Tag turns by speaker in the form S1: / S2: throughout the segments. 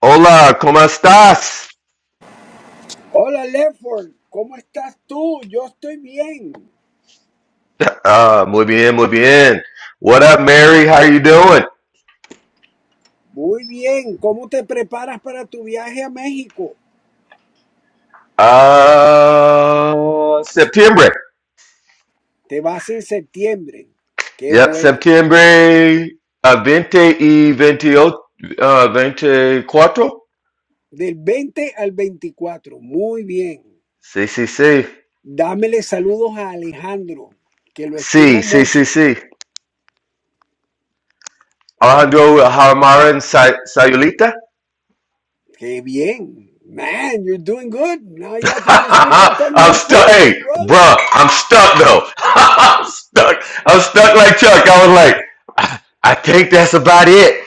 S1: Hola, ¿cómo estás?
S2: Hola, Lefford, ¿cómo estás tú? Yo estoy bien,
S1: Uh, muy bien, muy bien. What up, Mary? How you doing?
S2: muy bien. ¿Cómo te preparas para tu viaje a México?
S1: Uh, Septiembre.
S2: Te vas en septiembre. Qué
S1: Yep,
S2: bueno.
S1: Septiembre uh, 20 y 28, uh, 24.
S2: Del 20 al 24, muy bien.
S1: Sí, sí, sí.
S2: Dámele saludos a Alejandro, que lo
S1: Sí,
S2: estimo
S1: sí, sí,
S2: mucho.
S1: sí. Alejandro Haramaran Say- Sayulita.
S2: Qué bien. Man, you're doing good. Now you have to just pick up on
S1: I'm
S2: your
S1: stuck.
S2: food,
S1: Hey, bruh,
S2: brother.
S1: I'm stuck though. I'm stuck. I'm stuck like Chuck. I was like, I think that's about it.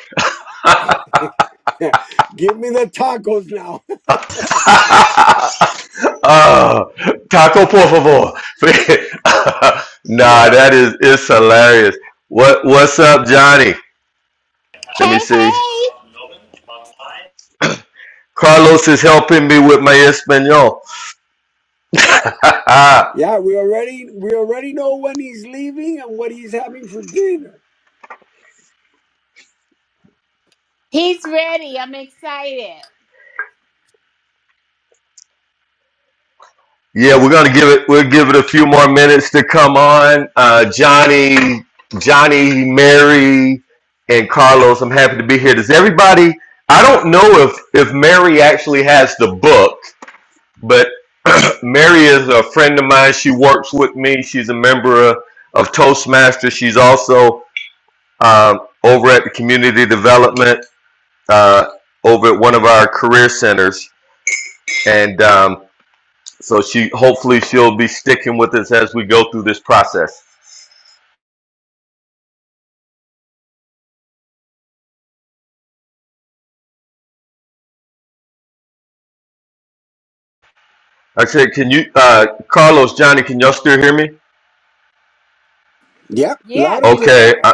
S2: Give me the tacos now.
S1: Uh, taco por favor. nah,
S2: Yeah.
S1: that is it's hilarious. What what's up, Johnny? Let
S3: Hey,
S1: me see.
S3: hey!
S1: Carlos is helping me with my Espanol. yeah,
S2: Yeah, we already we already know when he's leaving and what he's having for dinner.
S3: He's ready. I'm excited.
S1: we're gonna give it we'll give it a few more minutes to come on. Uh, Johnny, Johnny, Mary, and Carlos, I'm happy to be here. Does everybody I don't know if if Mary actually has the book. But Mary is a friend of mine. She works with me. She's a member of, of Toastmasters. She's also um, over at the community development uh, over at one of our career centers, and um, so she hopefully she'll be sticking with us as we go through this process. I said, can you, uh, Carlos, Johnny, can y'all still hear me?
S2: Yep,
S3: Yeah,
S2: loud and
S3: you're
S2: clear.
S1: Okay,
S3: clear.
S1: I,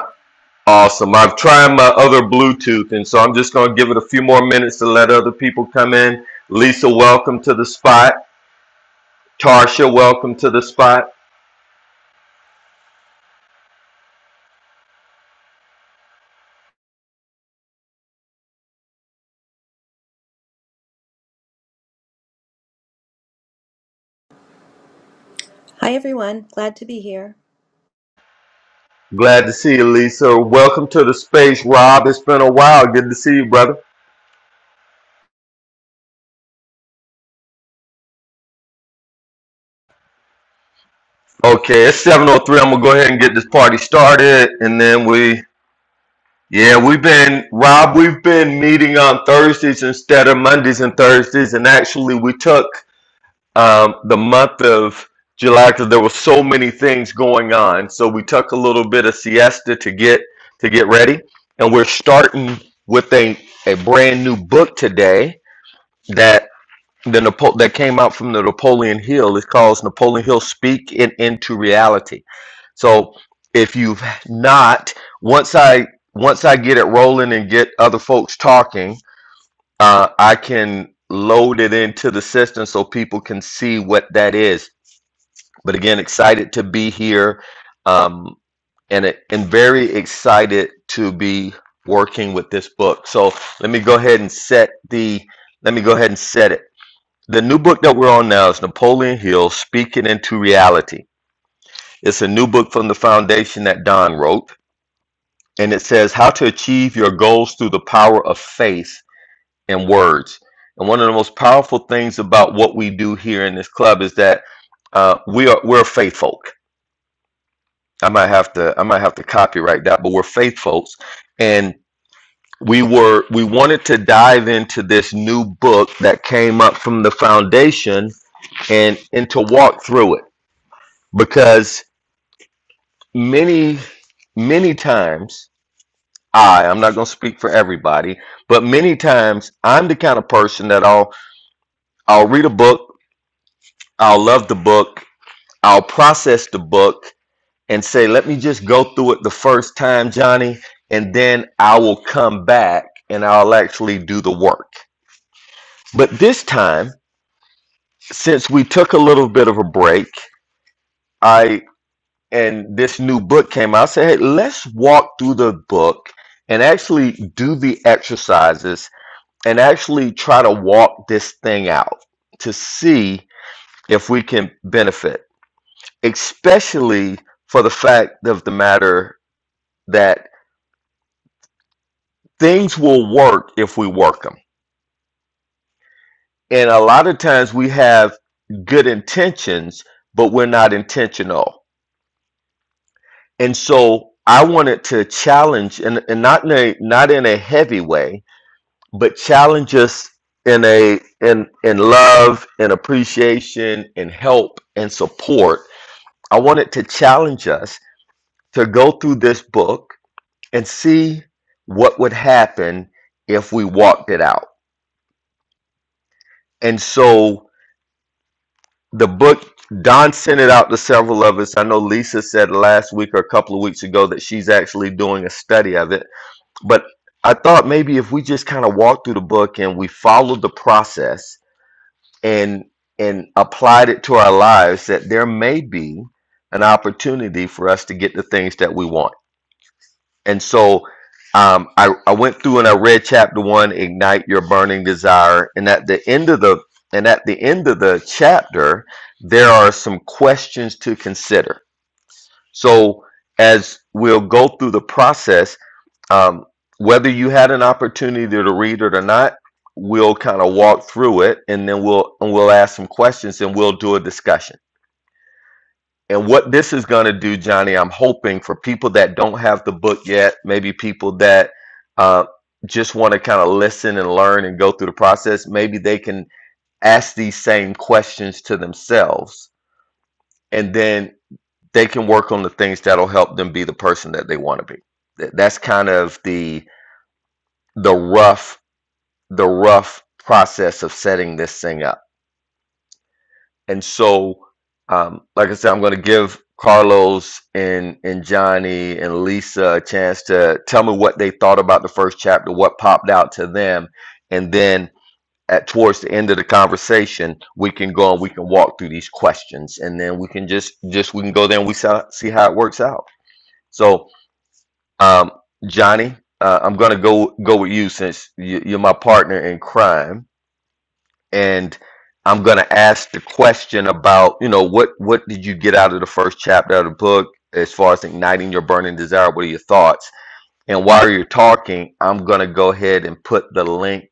S1: awesome. I've tried my other Bluetooth, and so I'm just gonna give it a few more minutes to let other people come in. Lisa, welcome to the spot. Tarsha, welcome to the spot.
S4: Hi, everyone. Glad to be here.
S1: Glad to see you, Lisa. Welcome to the space, Rob. It's been a while. Good to see you, brother. Okay, it's 7.03. I'm going to go ahead and get this party started. And then we, yeah, we've been, Rob, we've been meeting on Thursdays instead of Mondays and Thursdays. And actually, we took um, the month of July because there were so many things going on. So we took a little bit of siesta to get to get ready. And we're starting with a, a brand new book today that the Napo- that came out from the Napoleon Hill. It's called Napoleon Hill Speak It Into Reality. So if you've not, once I once I get it rolling and get other folks talking, uh, I can load it into the system so people can see what that is. But again, excited to be here, um, and it- and very excited to be working with this book. So let me go ahead and set the. Let me go ahead and set it. The new book that we're on now is Napoleon Hill Speaking into Reality. It's a new book from the foundation that Don wrote, and it says how to achieve your goals through the power of faith and words. And one of the most powerful things about what we do here in this club is that uh, we are we're faith folk. I might have to I might have to copyright that, but we're faith folks, and we were we wanted to dive into this new book that came up from the foundation and and to walk through it because many many times i i'm not going to speak for everybody but many times i'm the kind of person that i'll i'll read a book i'll love the book i'll process the book and say let me just go through it the first time johnny and then i will come back and i'll actually do the work but this time since we took a little bit of a break and this new book came out, I said, hey, let's walk through the book and actually do the exercises and actually try to walk this thing out to see if we can benefit, especially for the fact of the matter that things will work if we work them. And a lot of times we have good intentions, but we're not intentional. And so I wanted to challenge, and, and not in a, not in a heavy way, but challenge us in a in in love and appreciation and help and support i wanted to challenge us to go through this book and see what would happen if we walked it out and so the book don sent it out to several of us i know lisa said last week or a couple of weeks ago that she's actually doing a study of it but i thought maybe if we just kind of walked through the book and we followed the process and and applied it to our lives that there may be an opportunity for us to get the things that we want. And so um, I, I went through and I read chapter one, ignite your burning desire, and at the end of the and at the end of the chapter, there are some questions to consider. So as we'll go through the process, um, whether you had an opportunity to read it or not, we'll kind of walk through it, and then we'll and we'll ask some questions, and we'll do a discussion. And what this is going to do, Johnny, I'm hoping for people that don't have the book yet, maybe people that uh, just want to kind of listen and learn and go through the process, maybe they can ask these same questions to themselves, and then they can work on the things that'll help them be the person that they want to be. Th- That's kind of the the rough the rough process of setting this thing up. And so, um, like I said, I'm going to give Carlos and and Johnny and Lisa a chance to tell me what they thought about the first chapter, what popped out to them, and then at towards the end of the conversation, we can go and we can walk through these questions, and then we can just just we can go there and we saw, see how it works out. So, um, Johnny, uh, I'm going to go go with you since you, you're my partner in crime and I'm going to ask the question about, you know, what what did you get out of the first chapter of the book as far as igniting your burning desire? What are your thoughts? And while you're talking, I'm going to go ahead and put the link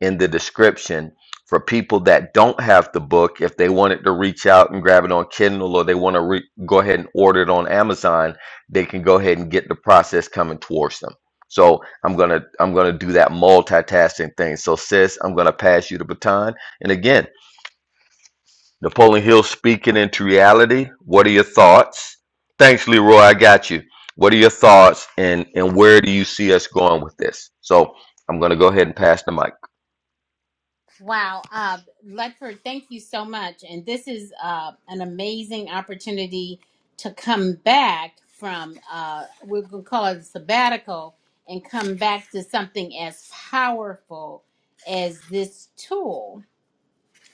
S1: in the description for people that don't have the book. If they wanted to reach out and grab it on Kindle or they want to re- go ahead and order it on Amazon, they can go ahead and get the process coming towards them. So I'm gonna I'm gonna do that multitasking thing. So sis, I'm gonna pass you the baton. And again, Napoleon Hill speaking into reality. What are your thoughts? Thanks, Leroy. I got you. What are your thoughts and and where do you see us going with this? So I'm gonna go ahead and pass the mic.
S3: Wow, uh, Ledford, thank you so much. And this is uh, an amazing opportunity to come back from, uh, we're going to call it a sabbatical, and come back to something as powerful as this tool.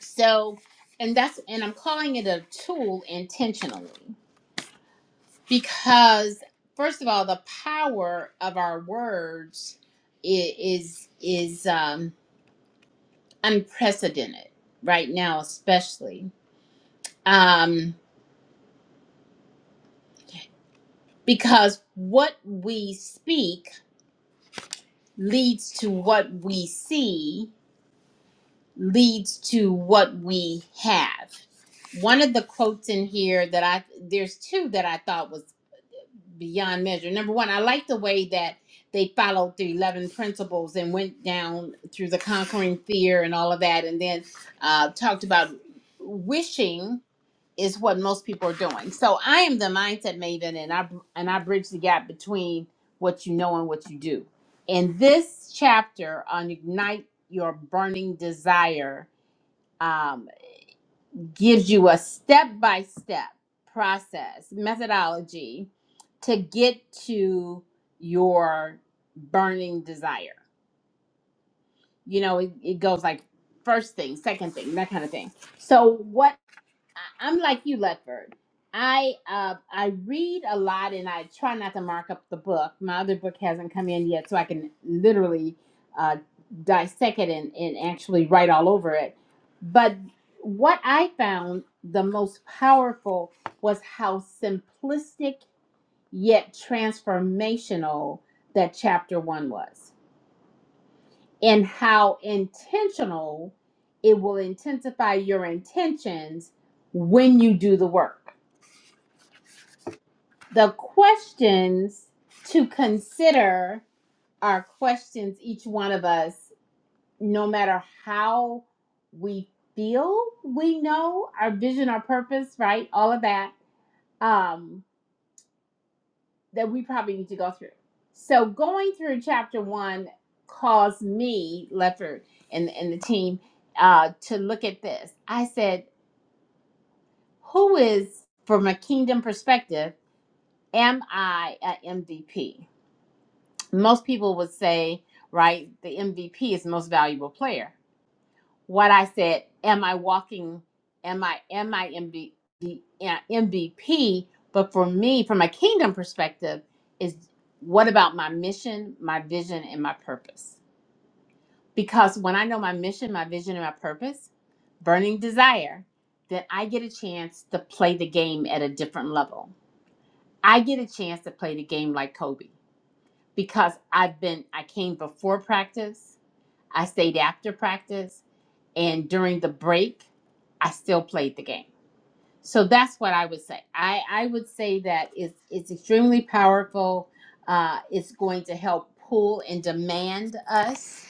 S3: So, and that's, and I'm calling it a tool intentionally. because first of all the power of our words i- is is um unprecedented right now especially um because what we speak leads to what we see leads to what we have one of the quotes in here that i there's two that i thought was beyond measure. Number one, I like the way that they followed the 11 principles and went down through the conquering fear and all of that, and then uh, talked about wishing is what most people are doing. So I am the mindset maven, and I and I bridge the gap between what you know and what you do. In this chapter on ignite your burning desire, um, gives you a step by step process, methodology to get to your burning desire. You know, it, it goes like first thing, second thing, that kind of thing. So, what I, I'm like you, Ledford. I uh I read a lot and I try not to mark up the book. My other book hasn't come in yet, so I can literally uh, dissect it and, and actually write all over it. But what I found the most powerful was how simplistic yet transformational that chapter one was, and how intentional it will intensify your intentions when you do the work The questions to consider are questions each one of us, no matter how we feel we know our vision, our purpose, right? All of that, um, that we probably need to go through. So going through chapter one caused me, Lefford, and, and the team uh, to look at this. I said, who is, from a kingdom perspective, am I a MVP? most people would say, right, the MVP is the most valuable player. What I said, am I walking? Am I am I M V, the, uh, MVP? But for me, from a kingdom perspective, is what about my mission, my vision, and my purpose? Because when I know my mission, my vision, and my purpose, burning desire, then I get a chance to play the game at a different level. I get a chance to play the game like Kobe because I've been I came before practice I stayed after practice, and during the break, I still played the game. So that's what I would say. I, I would say that it's it's extremely powerful. Uh, it's going to help pull and demand us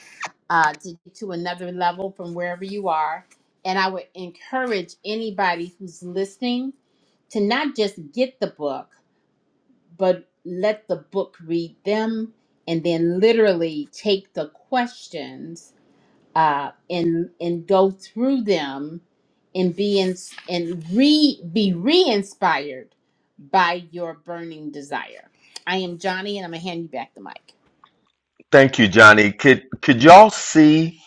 S3: uh, to to another level from wherever you are. And I would encourage anybody who's listening to not just get the book, but let the book read them, and then literally take the questions uh, and and go through them and be in, and re be re-inspired by your burning desire. I am Johnny, and I'm gonna hand you back the mic.
S1: Thank you, Johnny. Could could y'all see?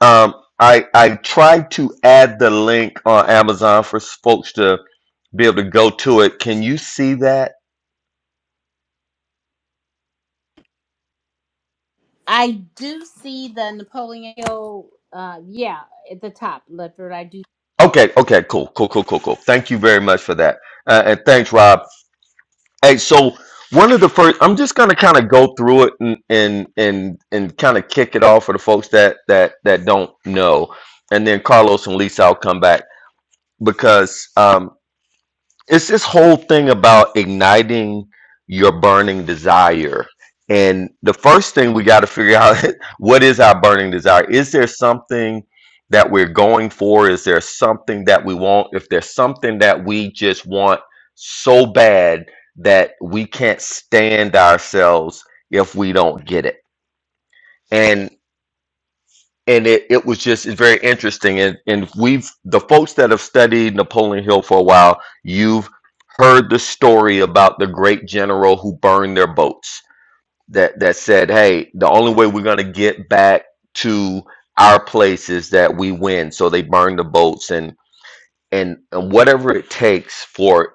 S1: Um, I I tried to add the link on Amazon for folks to be able to go to it. Can you see that?
S3: I do see the Napoleon Hill, uh, yeah, at the top, Leopard. I do.
S1: Okay, okay, cool, cool, cool, cool, cool. Thank you very much for that, uh, and thanks, Rob. Hey, so one of the first, I'm just gonna kind of go through it and and and and kind of kick it off for the folks that that that don't know, and then Carlos and Lisa, I'll come back because um, it's this whole thing about igniting your burning desire and the first thing we got to figure out what is our burning desire is there something that we're going for is there something that we want if there's something that we just want so bad that we can't stand ourselves if we don't get it and it, it was just it's very interesting and and we've the folks that have studied Napoleon Hill for a while you've heard the story about the great general who burned their boats that that said hey the only way we're going to get back to our place is that we win so they burned the boats and and, and whatever it takes for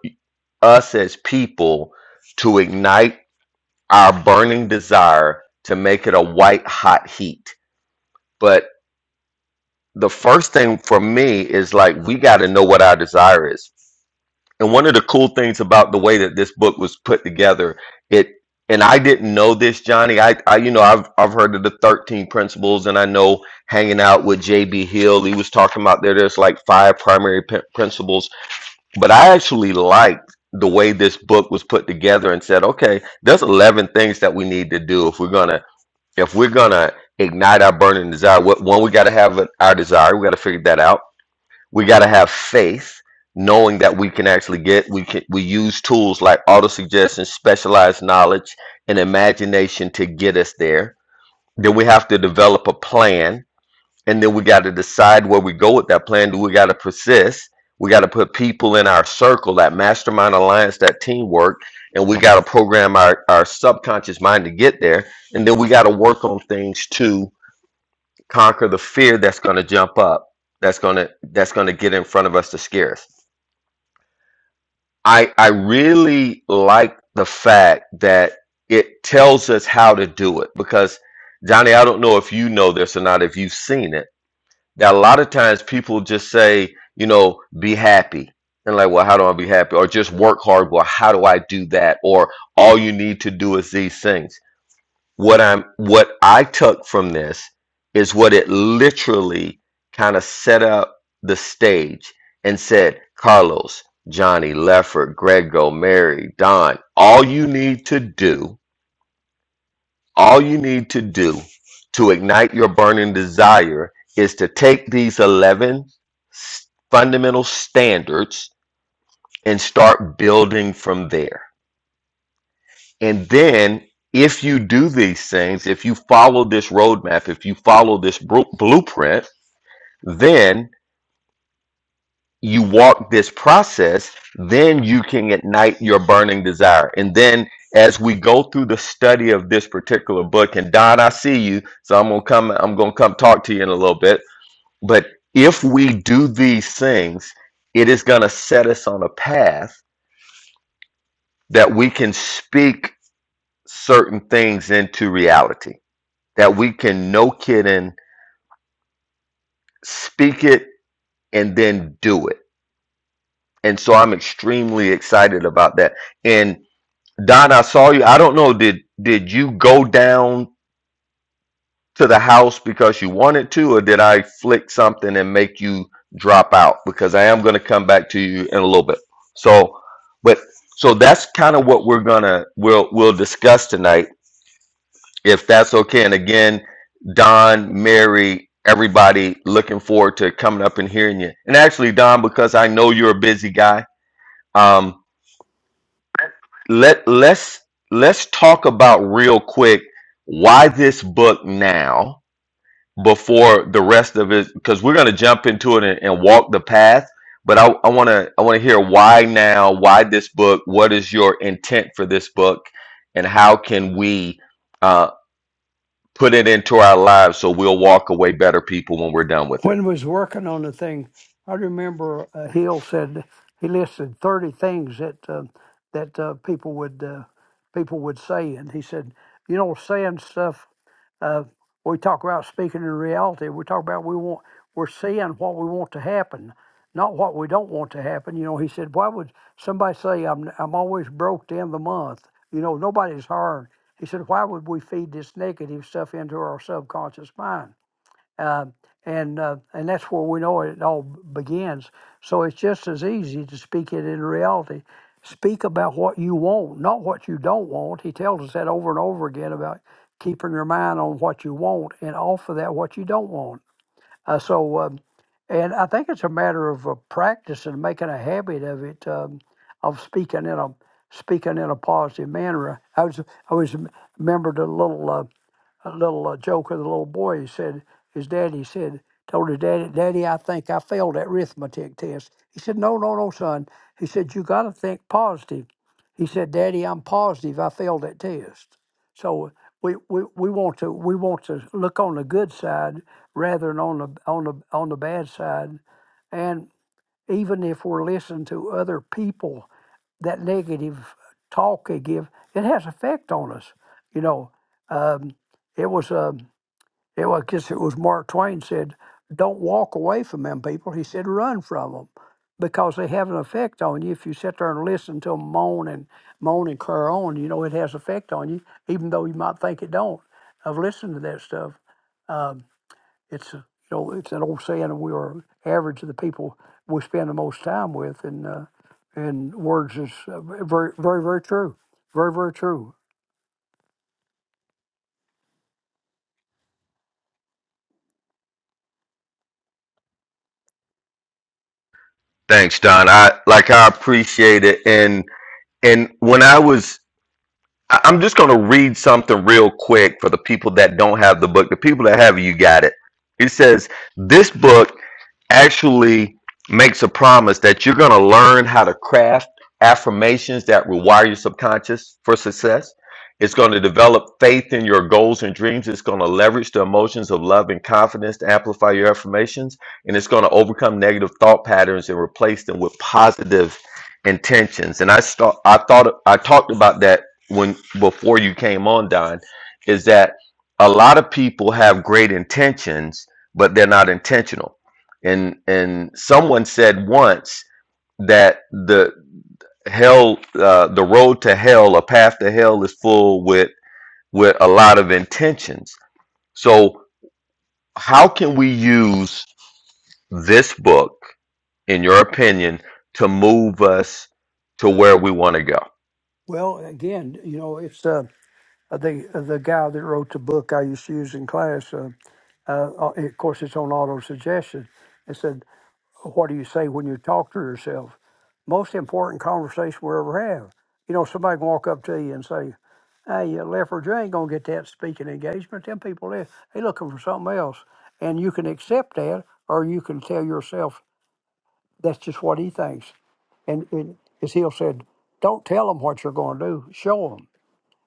S1: us as people to ignite our burning desire to make it a white hot heat but. the first thing for me is like we got to know what our desire is and one of the cool things about the way that this book was put together it and i didn't know this johnny i, I you know I've, I've heard of the 13 principles and i know hanging out with j.b hill he was talking about there there's like five primary p- principles but i actually liked the way this book was put together and said okay there's 11 things that we need to do if we're going to if we're gonna ignite our burning desire, what one we got to have an- our desire. We got to figure that out. We got to have faith, knowing that we can actually get. We can we use tools like auto suggestion, specialized knowledge, and imagination to get us there. Then we have to develop a plan and then we got to decide where we go with that plan. Do we got to persist? We got to put people in our circle, that mastermind alliance, that teamwork, and we got to program our, our subconscious mind to get there. And then we got to work on things to conquer the fear that's going to jump up, that's going to that's going to get in front of us to scare us. I I really like the fact that it tells us how to do it because Johnny, I don't know if you know this or not, if you've seen it now, a lot of times people just say, you know, be happy. And like, well, how do I be happy? Or just work hard. Well, how do I do that? Or all you need to do is these things. What I'm what I took from this is what it literally kind of set up the stage and said, Carlos, Johnny, Lefford, Grego, Mary, Don, all you need to do all you need to do to ignite your burning desire is to take these 11 s- fundamental standards and start building from there. And then, if you do these things, if you follow this roadmap, if you follow this bru- blueprint, then you walk this process, then you can ignite your burning desire. And then as we go through the study of this particular book, and Don, I see you, so I'm gonna come, I'm gonna come talk to you in a little bit. But if we do these things, it is gonna set us on a path that we can speak certain things into reality. That we can no kidding speak it and then do it. And so I'm extremely excited about that. And Don, I saw you. I don't know. Did did you go down to the house because you wanted to, or did I flick something and make you drop out? Because I am going to come back to you in a little bit. So, but so that's kind of what we're gonna we'll we'll discuss tonight, if that's okay. And again, Don, Mary, everybody, looking forward to coming up and hearing you. And actually, Don, because I know you're a busy guy. um, let let's let's talk about real quick why this book now before the rest of it because we're going to jump into it and, and walk the path but i want to i want to hear why now why this book what is your intent for this book and how can we uh, put it into our lives so we'll walk away better people when we're done with it
S5: When we was working on the thing, I remember uh, Hill said he listed thirty things that uh, that uh, people would uh, people would say, and he said, you know, saying stuff. Uh, we talk about speaking in reality. We talk about we want we're seeing what we want to happen, not what we don't want to happen. You know, he said, why would somebody say I'm I'm always broke to end the month? You know, nobody's hiring. He said, why would we feed this negative stuff into our subconscious mind? uh, and uh, and that's where we know it all begins. So it's just as easy to speak it in reality. Speak about what you want, not what you don't want. He tells us that over and over again about keeping your mind on what you want and off of that what you don't want. Uh, so, um, and I think it's a matter of uh, practice and making a habit of it, um, of speaking in a speaking in a positive manner. I was I was remembered a little. Uh, a little uh, joke of the little boy. He said, his daddy said, told his daddy, Daddy, I think I failed that arithmetic test. He said, No, no, no, son. He said, You got to think positive. He said, Daddy, I'm positive I failed that test. So we, we, we want to we want to look on the good side rather than on the on the on the bad side, and even if we're listening to other people that negative talk they give, it has effect on us. You know, um, it was um, it was I guess it was Mark Twain said, "Don't walk away from them people." He said, "Run from them." Because they have an effect on you. If you sit there and listen to them moan and moan and cur on, you know it has effect on you, even though you might think it don't. I've listened to that stuff. Uh, it's a, you know, it's an old saying. We are average of the people we spend the most time with, and uh, and words is uh, very very very true, very very true.
S1: thanks don i like i appreciate it and and when i was I- I'm just going to read something real quick for the people that don't have the book. The people that have it, you got it. It says, This book actually makes a promise that you're going to learn how to craft affirmations that rewire your subconscious for success. It's going to develop faith in your goals and dreams. It's going to leverage the emotions of love and confidence to amplify your affirmations. And it's going to overcome negative thought patterns and replace them with positive intentions. And I start, I thought, I talked about that when, before you came on, Don, is that a lot of people have great intentions, but they're not intentional and and someone said once that the hell uh, the road to hell a path to hell is full with with a lot of intentions so how can we use this book in your opinion to move us to where we want to go
S5: Well, again, you know, it's uh, uh, the uh, the guy that wrote the book I used to use in class. Uh, uh, uh, of course, it's on auto suggestion. It said what do you say when you talk to yourself? Most important conversation we ever have. You know, somebody can walk up to you and say, Hey, you leopard, you ain't gonna get that speaking engagement. Them people there, they looking for something else. And you can accept that or you can tell yourself that's just what he thinks. And, and as Hill said, don't tell them what you're going to do. Show them,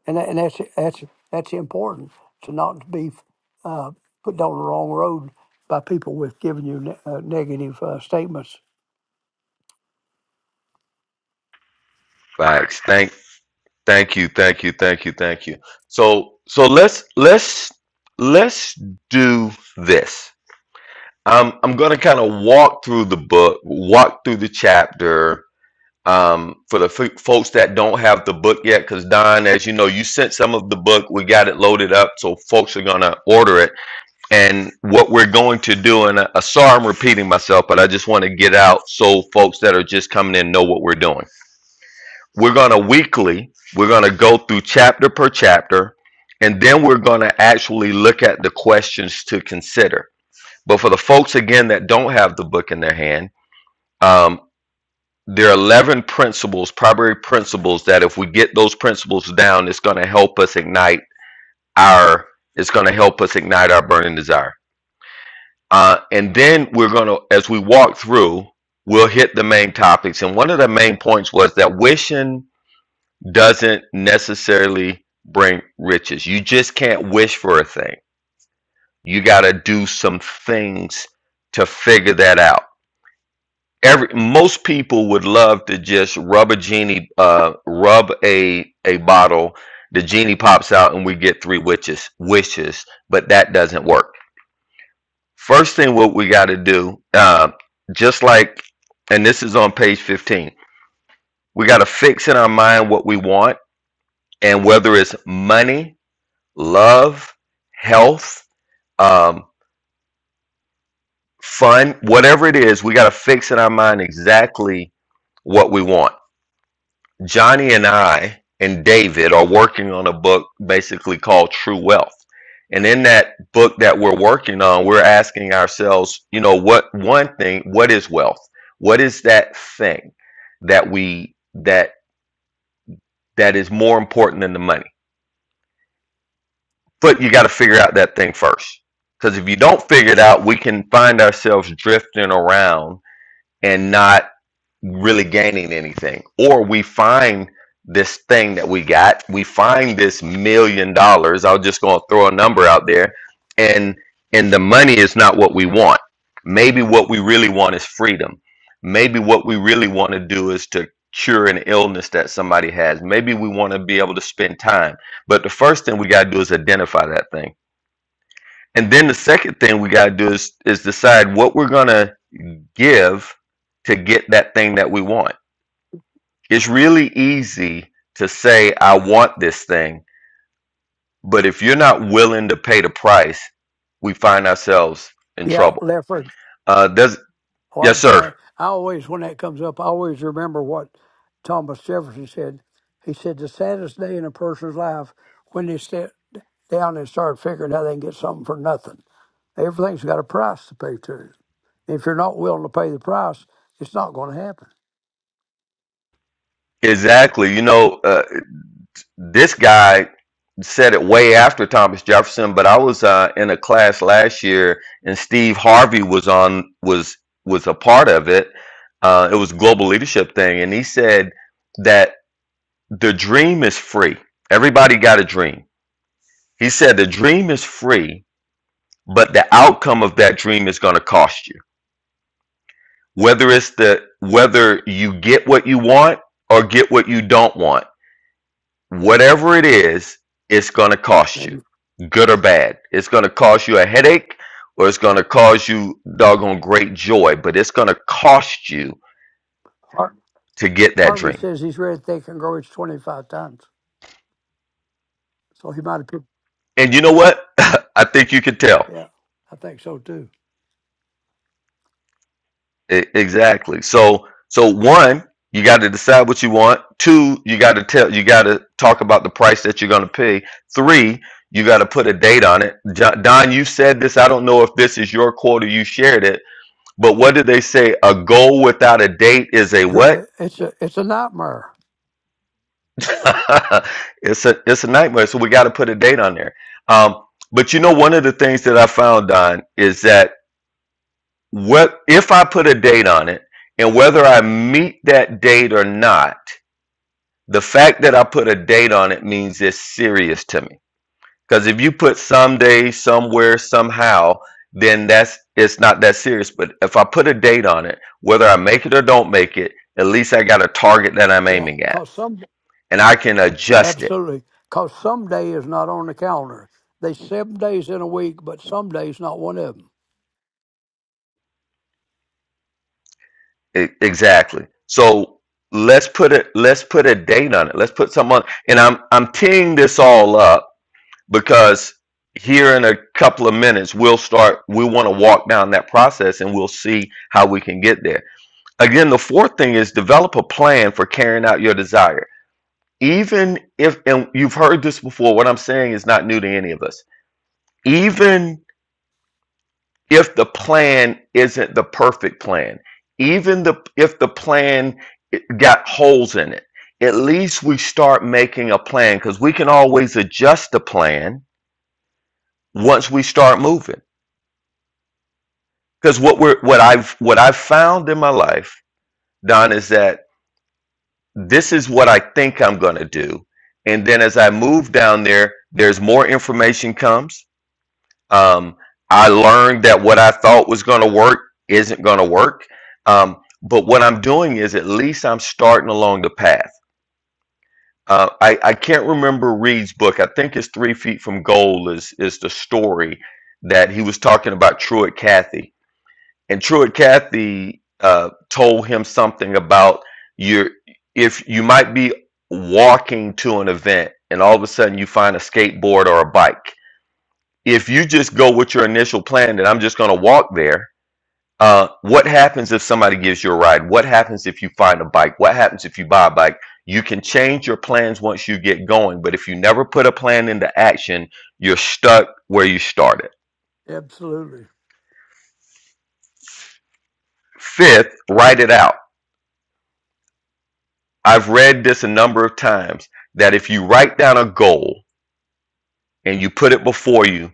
S5: and that, and that's that's that's important to not be uh, put down the wrong road by people with giving you ne- uh, negative uh, statements.
S1: thanks thank thank you thank you thank you thank you so so let's let's let's do this Um, I'm going to kind of walk through the book, walk through the chapter um, for the f- folks that don't have the book yet. Because, Don, as you know, you sent some of the book. We got it loaded up, so folks are going to order it. And what we're going to do, and I, I sorry I'm repeating myself, but I just want to get out so folks that are just coming in know what we're doing. We're going to weekly, we're going to go through chapter per chapter, and then we're going to actually look at the questions to consider but for the folks again that don't have the book in their hand, um, there are 11 principles, primary principles that if we get those principles down, it's going to help us ignite our it's going to help us ignite our burning desire. Uh, and then we're going to as we walk through, we'll hit the main topics. And one of the main points was that wishing doesn't necessarily bring riches. You just can't wish for a thing. You got to do some things to figure that out every most people would love to just rub a genie uh rub a a bottle the genie pops out and we get three witches wishes but that doesn't work first thing what we got to do uh just like and this is on page 15 we got to fix in our mind what we want and whether it's money love health um fun whatever it is we got to fix in our mind exactly what we want Johnny and I and David are working on a book basically called True Wealth. And in that book that we're working on, we're asking ourselves, you know, what one thing, what is wealth? What is that thing that we that that is more important than the money? But you got to figure out that thing first. Cuz if you don't figure it out, we can find ourselves drifting around and not really gaining anything. Or we find this thing that we got, we find this million dollars. I was just going to throw a number out there, and and the money is not what we want. Maybe what we really want is freedom. Maybe what we really want to do is to cure an illness that somebody has. Maybe we want to be able to spend time. But the first thing we got to do is identify that thing. And then the second thing we got to do is is decide what we're going to give to get that thing that we want it's really easy to say, I want this thing, but if you're not willing to pay the price, we find ourselves in
S5: Yeah,
S1: trouble.
S5: Lefford.
S1: Uh, does
S5: Oh,
S1: yes,
S5: I'm
S1: sir,
S5: sorry. I always, when that comes up, I always remember what Thomas Jefferson said. He said, The saddest day in a person's life when they sit down and start figuring how they can get something for nothing. Everything's got a price to pay to. If you're not willing to pay the price, it's not going to happen.
S1: exactly. You know, uh, this guy said it way after Thomas Jefferson, but I was uh, in a class last year, and Steve Harvey was on was was a part of it. Uh, it was a global leadership thing, and he said that the dream is free. Everybody got a dream He said the dream is free, but the outcome of that dream is going to cost you. Whether it's the whether you get what you want or get what you don't want, whatever it is, it's going to cost you,
S5: And
S1: good or bad. It's going to cause you a headache or it's going to cause you doggone great joy, but it's going to cost you
S5: Har-
S1: to get that
S5: Harvey
S1: dream.
S5: says he's ready to think and grow it 25 times. So he might have picked,
S1: And you know what? I think you can tell
S5: yeah, I think so too.
S1: E- exactly. So so one, you got to decide what you want. Two, you got to tell you got to talk about the price that you're going to pay. Three, you got to put a date on it. Jo- Don, you said this. I don't know if this is your quote or you shared it, but what did they say? A goal without a date is a
S5: Dr-
S1: what?
S5: eh, It's a, it's a nightmare.
S1: it's a it's a nightmare. So we got to put a date on there. Um, but you know, one of the things that I found, Don, is that what if I put a date on it, and whether I meet that date or not The fact that I put a date on it means it's serious to me. Because if you put someday, somewhere, somehow, then that's it's not that serious. But if I put a date on it, whether I make it or don't make it, at least I got a target that I'm
S5: Yeah,
S1: aiming at,
S5: because some
S1: and I can adjust it
S5: Absolutely. Because some day is not on the calendar. They seven days in a week, but some days not one of them.
S1: E- exactly. So let's put it. Let's put a date on it. Let's put someone. And I'm I'm teeing this all up because here in a couple of minutes we'll start we want to walk down that process and we'll see how we can get there again the fourth thing is develop a plan for carrying out your desire even if and you've heard this before what i'm saying is not new to any of us even if the plan isn't the perfect plan even the if the plan got holes in it at least we start making a plan because we can always adjust the plan once we start moving because what we're what I've what I've found in my life, Don, is that this is what I think I'm gonna do, and then as I move down there, there's more information comes. Um, I learned that what I thought was gonna work isn't gonna work. Um, but what I'm doing is at least I'm starting along the path. Uh, I, I can't remember Reed's book. I think it's Three Feet from Goal is is the story that he was talking about Truett Cathy and Truett Cathy uh, told him something about your if you might be walking to an event and all of a sudden you find a skateboard or a bike. If you just go with your initial plan that I'm just going to walk there, uh, what happens if somebody gives you a ride? What happens if you find a bike? What happens if you buy a bike? You can change your plans once you get going, but if you never put a plan into action, you're stuck where you started.
S5: Absolutely.
S1: Fifth, write it out I've read this a number of times that if you write down a goal and you put it before you,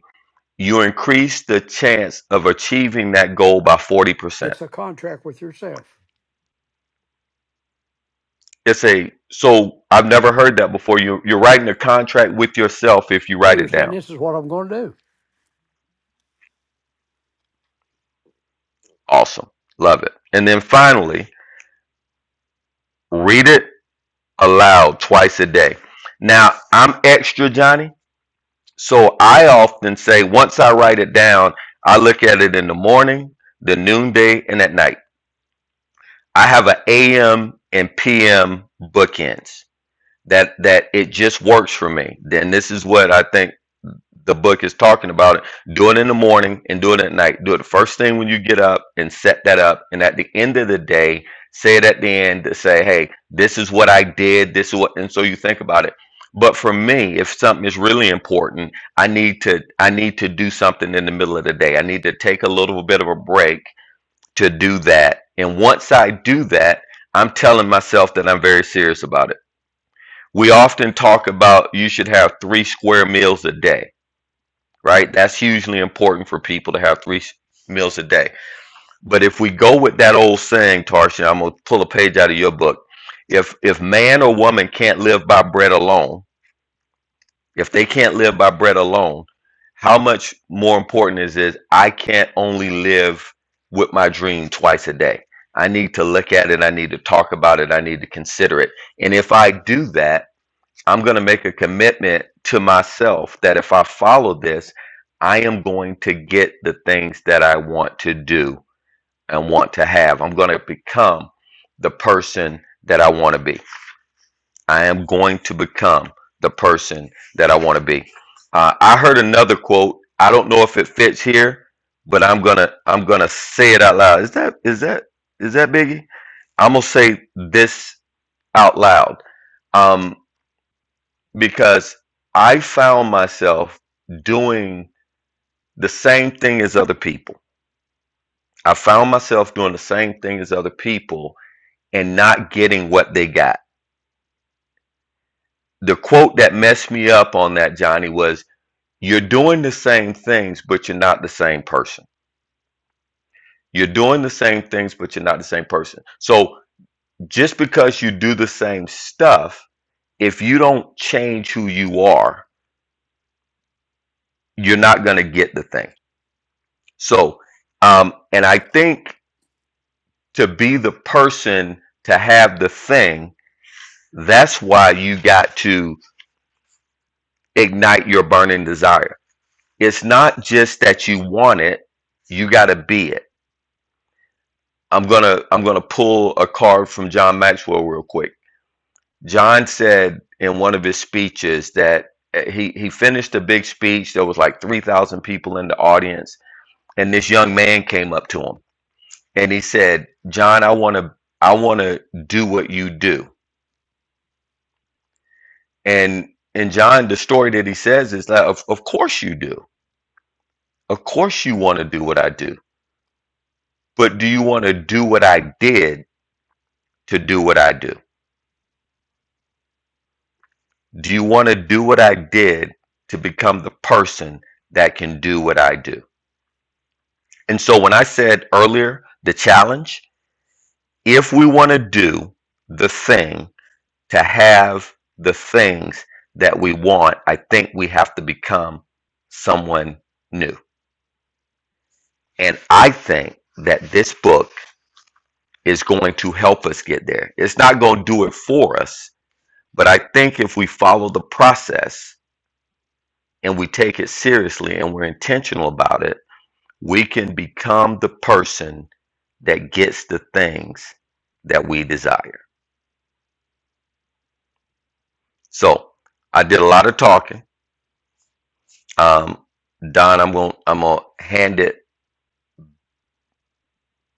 S1: you increase the chance of achieving that goal by 40%.
S5: It's a contract with yourself.
S1: It's a so I've never heard that before. You you're writing a contract with yourself if you
S5: Yeah,
S1: write
S5: you're
S1: it
S5: saying
S1: down.
S5: this is what I'm going to do.
S1: Awesome. Love it. And then finally, read it aloud twice a day. Now, I'm extra Johnny, so I often say once I write it down, I look at it in the morning, the noonday, and at night I have an AM and PM bookends that that it just works for me. Then this is what I think the book is talking about. Do it in the morning and do it at night. Do it the first thing when you get up and set that up. And at the end of the day, say it at the end to say, hey, this is what I did, this is what and so you think about it. But for me, if something is really important, I need to I need to do something in the middle of the day. I need to take a little bit of a break to do that. And once I do that, I'm telling myself that I'm very serious about it. We often talk about you should have three square meals a day, right? That's hugely important for people to have three meals a day. But if we go with that old saying, Tarsha, I'm gonna pull a page out of your book. If if man or woman can't live by bread alone, If they can't live by bread alone, how much more important is it? I can't only live with my dream twice a day. I need to look at it. I need to talk about it. I need to consider it. And if I do that, I'm going to make a commitment to myself that if I follow this, I am going to get the things that I want to do and want to have. I'm going to become the person that I want to be. I am going to become the person that I want to be. Uh, I heard another quote. I don't know if it fits here, but I'm gonna I'm gonna say it out loud. Is that is that is that Biggie? I'm gonna say this out loud um, because I found myself doing the same thing as other people. I found myself doing the same thing as other people and not getting what they got. The quote that messed me up on that Johnny was You're doing the same things, but you're not the same person. You're doing the same things, but you're not the same person. So just because you do the same stuff, if you don't change who you are, you're not going to get the thing. So, um, and I think to be the person to have the thing, that's why you got to ignite your burning desire. It's not just that you want it, you got to be it I'm gonna I'm gonna pull a card from John Maxwell real quick. John said in one of his speeches that uh, he he finished a big speech. There was like three thousand people in the audience, and this young man came up to him and he said, "John, I want to I want to do what you do." And and John, the story that he says is that of, of course you do. Of course you want to do what I do. But do you want to do what I did to do what I do? Do you want to do what I did to become the person that can do what I do? And so when I said earlier, the challenge, if we want to do the thing to have the things that we want, I think we have to become someone new. And I think that this book is going to help us get there. It's not going to do it for us, but I think if we follow the process and we take it seriously and we're intentional about it, We can become the person that gets the things that we desire. So I did a lot of talking. Um, Don, I'm going. to I'm going to hand it.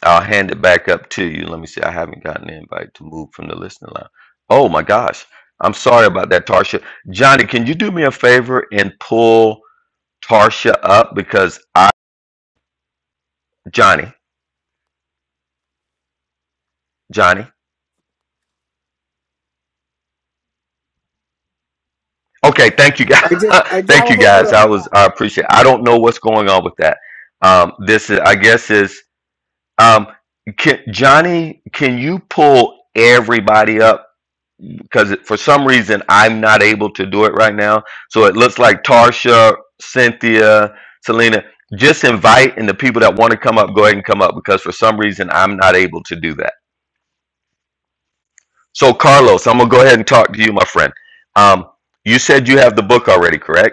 S1: I'll hand it back up to you. Let me see. I haven't gotten an invite to move from the listening line. Oh my gosh. I'm sorry about that, Tarsha. Johnny, can you do me a favor and pull Tarsha up because I, Johnny, Johnny. Okay, thank you guys.
S2: I just I
S3: I
S1: thank
S2: just
S1: you
S3: was
S2: pulled her
S1: guys.
S3: pulling
S1: I
S2: up.
S3: her up.
S1: was I appreciate. I don't know what's going on with that. Um, this is I guess is um, can, Johnny. Can you pull everybody up because it- for some reason I'm not able to do it right now. So it looks like Tarsha, Cynthia, Selena. Just invite and the people that want to come up, go ahead and come up because for some reason I'm not able to do that. So Carlos, I'm gonna go ahead and talk to you, my friend. Um, you said you have the book already, correct?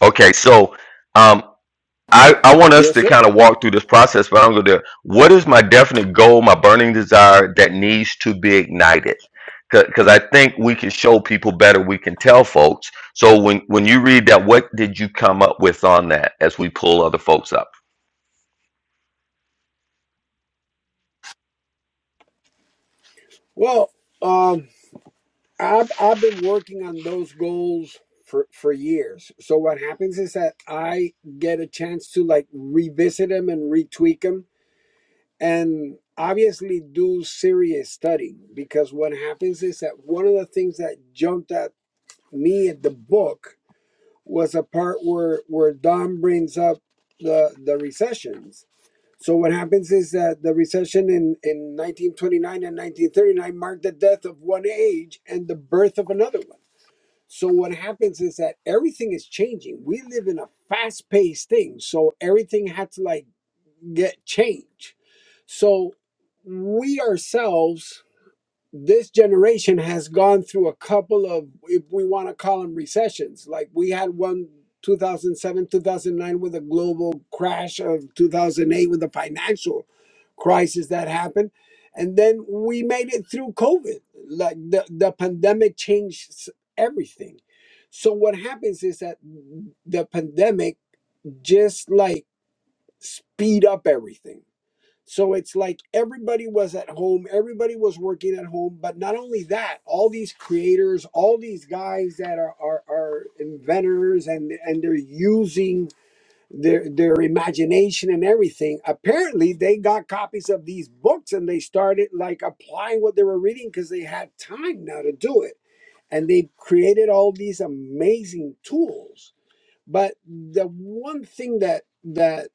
S1: Okay, so um, I I want us
S2: Yes,
S1: to
S2: sir.
S1: kind of walk through this process, but I'm going to. What is my definite goal, my burning desire that needs to be ignited? Because I think we can show people better. We can tell folks. So when when you read that, what did you come up with on that? As we pull other folks up.
S2: Well, um, I've I've been working on those goals for for years. So what happens is that I get a chance to like revisit them and retweak them, and obviously do serious studying because what happens is that one of the things that jumped at me at the book was a part where where Don brings up the the recessions. So what happens is that the recession in in 1929 and 1939 marked the death of one age and the birth of another one. So what happens is that everything is changing. We live in a fast-paced thing, so everything had to like get change. So we ourselves this generation has gone through a couple of if we want to call them recessions like we had one 2007 2009 with a global crash of 2008 with the financial crisis that happened and then we made it through covid like the, the pandemic changed s- everything so what happens is that the pandemic just like speed up everything so it's like everybody was at home, everybody was working at home. But not only that, all these creators, all these guys that are are, are inventors and and they're using their their imagination and everything. Apparently, they got copies of these books and they started like applying what they were reading because they had time now to do it. And they created all these amazing tools. But the one thing that that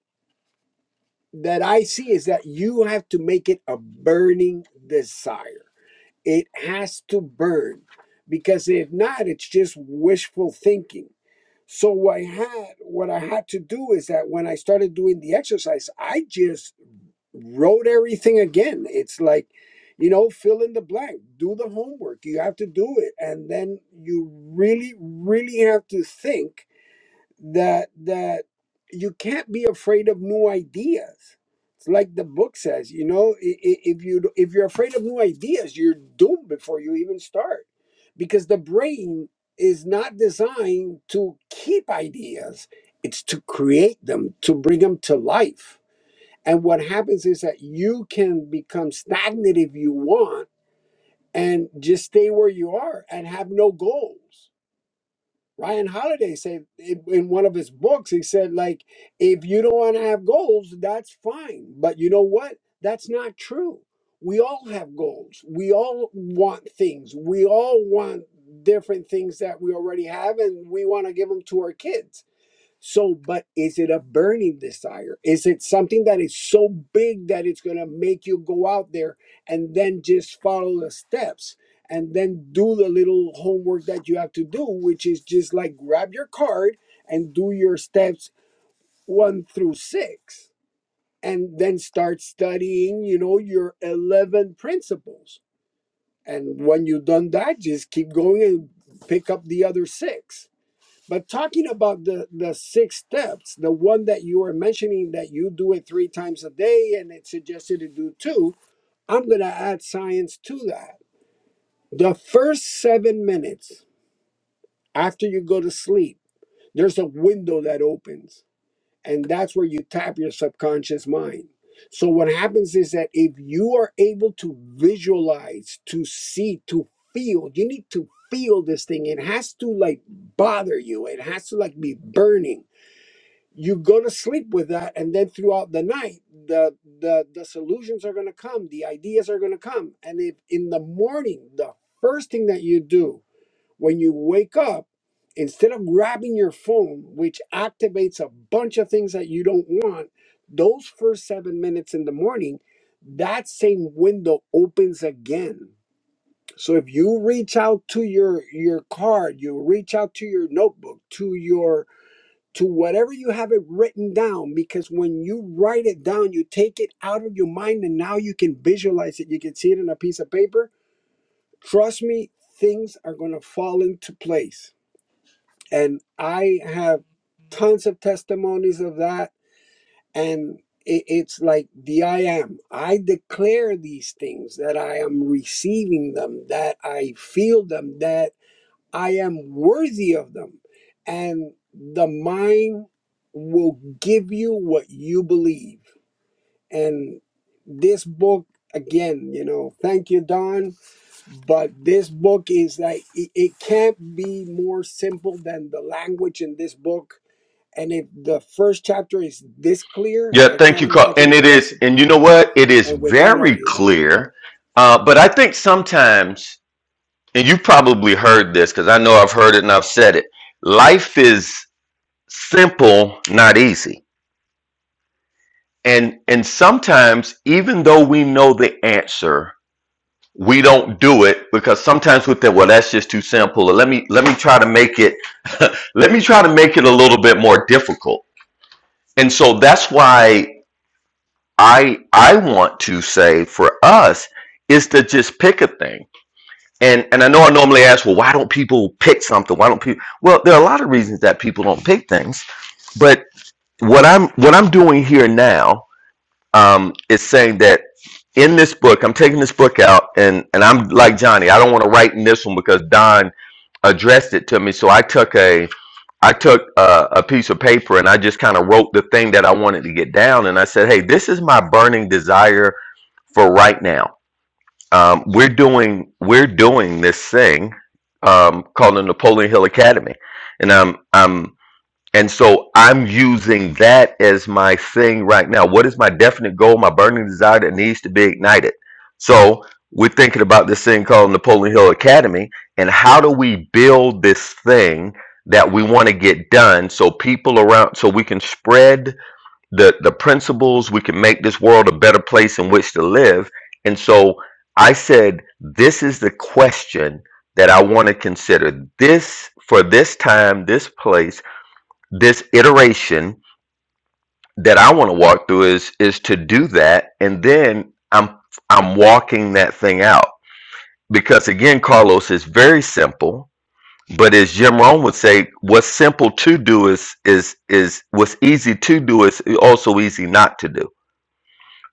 S2: that I see is that you have to make it a burning desire. It has to burn because if not, it's just wishful thinking. So what I had what I had to do is that when I started doing the exercise, I just wrote everything again. It's like, you know, fill in the blank, do the homework. You have to do it. And then you really, really have to think that that you can't be afraid of new ideas. It's like the book says, you know, i- i- if you if you're afraid of new ideas, you're doomed before you even start, because the brain is not designed to keep ideas; it's to create them, to bring them to life. And what happens is that you can become stagnant if you want, and just stay where you are and have no goals Ryan Holiday said in in one of his books, he said, like, if you don't want to have goals, that's fine. But you know what? That's not true. We all have goals. We all want things. We all want different things that we already have and we want to give them to our kids so, but is it a burning desire? Is it something that is so big that it's going to make you go out there and then just follow the steps and then do the little homework that you have to do, which is just like grab your card and do your steps one through six and then start studying, you know, your 11 principles. And when you've done that, just keep going and pick up the other six but talking about the the six steps, the one that you were mentioning that you do it three times a day and it suggested to do two, I'm going to add science to that. The first 7 minutes after you go to sleep, there's a window that opens and that's where you tap your subconscious mind. So what happens is that if you are able to visualize, to see, to feel, you need to feel this thing. It has to like bother you. It has to like be burning you're going to sleep with that and then throughout the night the the the solutions are going to come the ideas are going to come and if in the morning the first thing that you do when you wake up instead of grabbing your phone which activates a bunch of things that you don't want those first 7 minutes in the morning that same window opens again so if you reach out to your your card you reach out to your notebook to your to whatever you have it written down because when you write it down you take it out of your mind and now you can visualize it you can see it in a piece of paper trust me things are going to fall into place and i have tons of testimonies of that and i- it's like the i am i declare these things that i am receiving them that i feel them that I am worthy of them. And the mind will give you what you believe. And this book, again, you know, thank you, Don, but this book is like, it, it can't be more simple than the language in this book. And if the first chapter is this clear,
S1: Yeah,
S2: I
S1: thank
S2: can't
S1: you, Carl.
S2: imagine
S1: And
S2: the
S1: it
S2: rest
S1: is,
S2: of the
S1: and you know
S2: book.
S1: what? It is
S2: And with that, I'll
S1: very
S2: yield the mic.
S1: clear. Uh, but I think sometimes, and you probably heard this because I know I've heard it and I've said it. Life is simple, not easy. And and sometimes even though we know the answer, we don't do it because sometimes we think, well, that's just too simple. Let me let me try to make it let me try to make it a little bit more difficult. And so that's why I I want to say for us is to just pick a thing. And and I know I normally ask, well, why don't people pick something? Why don't people Well, there are a lot of reasons that people don't pick things, but what I'm what I'm doing here now um, is saying that in this book, I'm taking this book out, and and I'm like Johnny, I don't want to write in this one because Don addressed it to me, so I took a I took a, a piece of paper and I just kind of wrote the thing that I wanted to get down, and I said, hey, this is my burning desire for right now. Um, we're doing we're doing this thing um, called the Napoleon Hill Academy, and I'm I'm and so I'm using that as my thing right now. What is my definite goal, my burning desire that needs to be ignited? So we're thinking about this thing called Napoleon Hill Academy and how do we build this thing that we want to get done so people around so we can spread the the principles, we can make this world a better place in which to live. And so I said this is the question that I want to consider. This for this time, this place this iteration that I want to walk through is is to do that and then I'm I'm walking that thing out because again Carlos is very simple but as Jim Rohn would say what's simple to do is is is what's easy to do is also easy not to do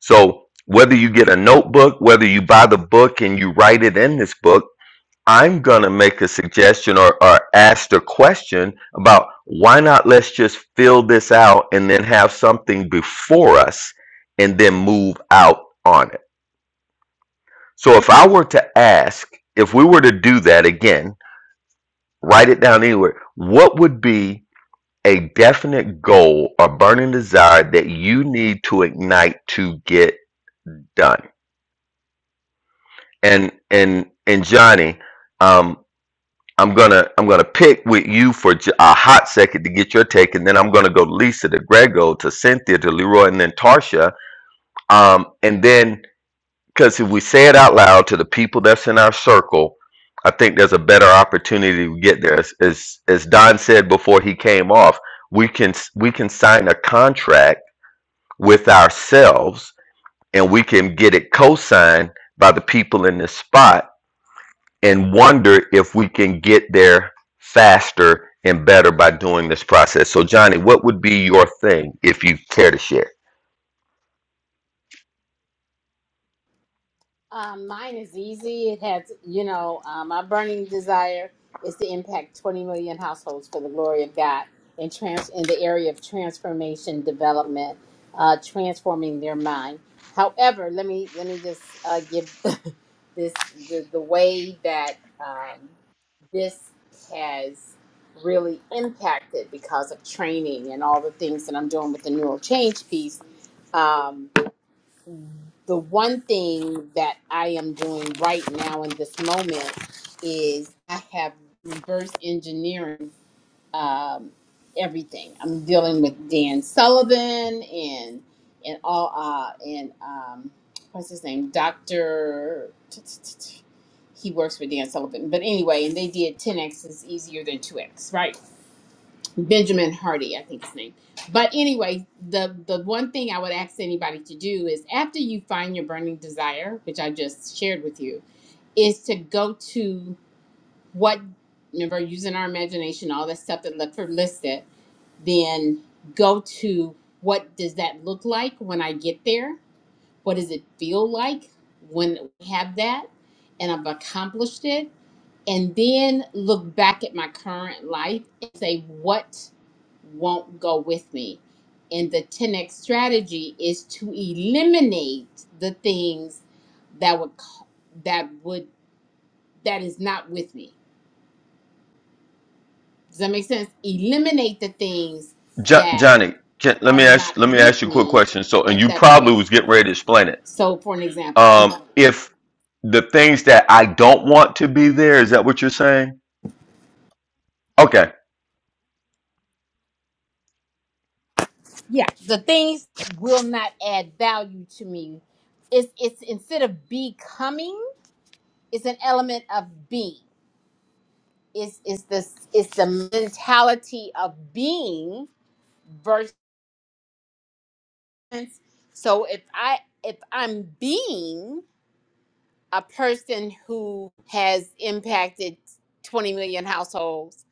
S1: so whether you get a notebook whether you buy the book and you write it in this book I'm gonna make a suggestion or, or ask a question about why not let's just fill this out and then have something before us and then move out on it. So if I were to ask, if we were to do that again, write it down anywhere, what would be a definite goal or burning desire that you need to ignite to get done? And and and Johnny, um. I'm gonna I'm gonna pick with you for j- a hot second to get your take, and then I'm gonna go to Lisa to Grego to Cynthia to Leroy and then Tarsha. Um, and then because if we say it out loud to the people that's in our circle, I think there's a better opportunity to get there. As as, as Don said before he came off, we can s- we can sign a contract with ourselves, and we can get it co-signed by the people in this spot and wonder if we can get there faster and better by doing this process. So, Johnny, what would be your thing if you care to share?
S3: Um, mine is easy. It has, you know, um, my burning desire is to impact 20 million households for the glory of God in trans in the area of transformation development, uh, transforming their mind. However, let me let me just uh, give this the, the way that um, this has really impacted because of training and all the things that I'm doing with the neural change piece. Um, the one thing that I am doing right now in this moment is I have reverse engineering um, everything. I'm dealing with Dan Sullivan and and all uh, and um, what's his name, Doctor. He works for Dan Sullivan, but anyway, and they did 10x is easier than 2x, right? Benjamin Hardy, I think his name. But anyway, the the one thing I would ask anybody to do is after you find your burning desire, which I just shared with you, is to go to what remember using our imagination, all that stuff that Lefford listed, then go to what does that look like when I get there? What does it feel like when I have that and I've accomplished it? and then look back at my current life and say what won't go with me and the 10x strategy is to eliminate the things that would c- that would that is not with me does that make sense eliminate the things
S1: Jo-
S3: that
S1: Johnny, can, let
S3: are
S1: me
S3: not
S1: ask let me
S3: with
S1: ask you a quick
S3: me
S1: question. So, and
S3: at
S1: you
S3: that
S1: probably
S3: point
S1: was getting ready to explain it.
S3: so for an example i'm like,
S1: Um, if the things that I don't want to be there, is that what you're saying? Okay,
S3: yeah the things will not add value to me it's it's instead of becoming it's an element of being. It's it's this it's the mentality of being versus so if I if I'm being a person who has impacted 20 million households,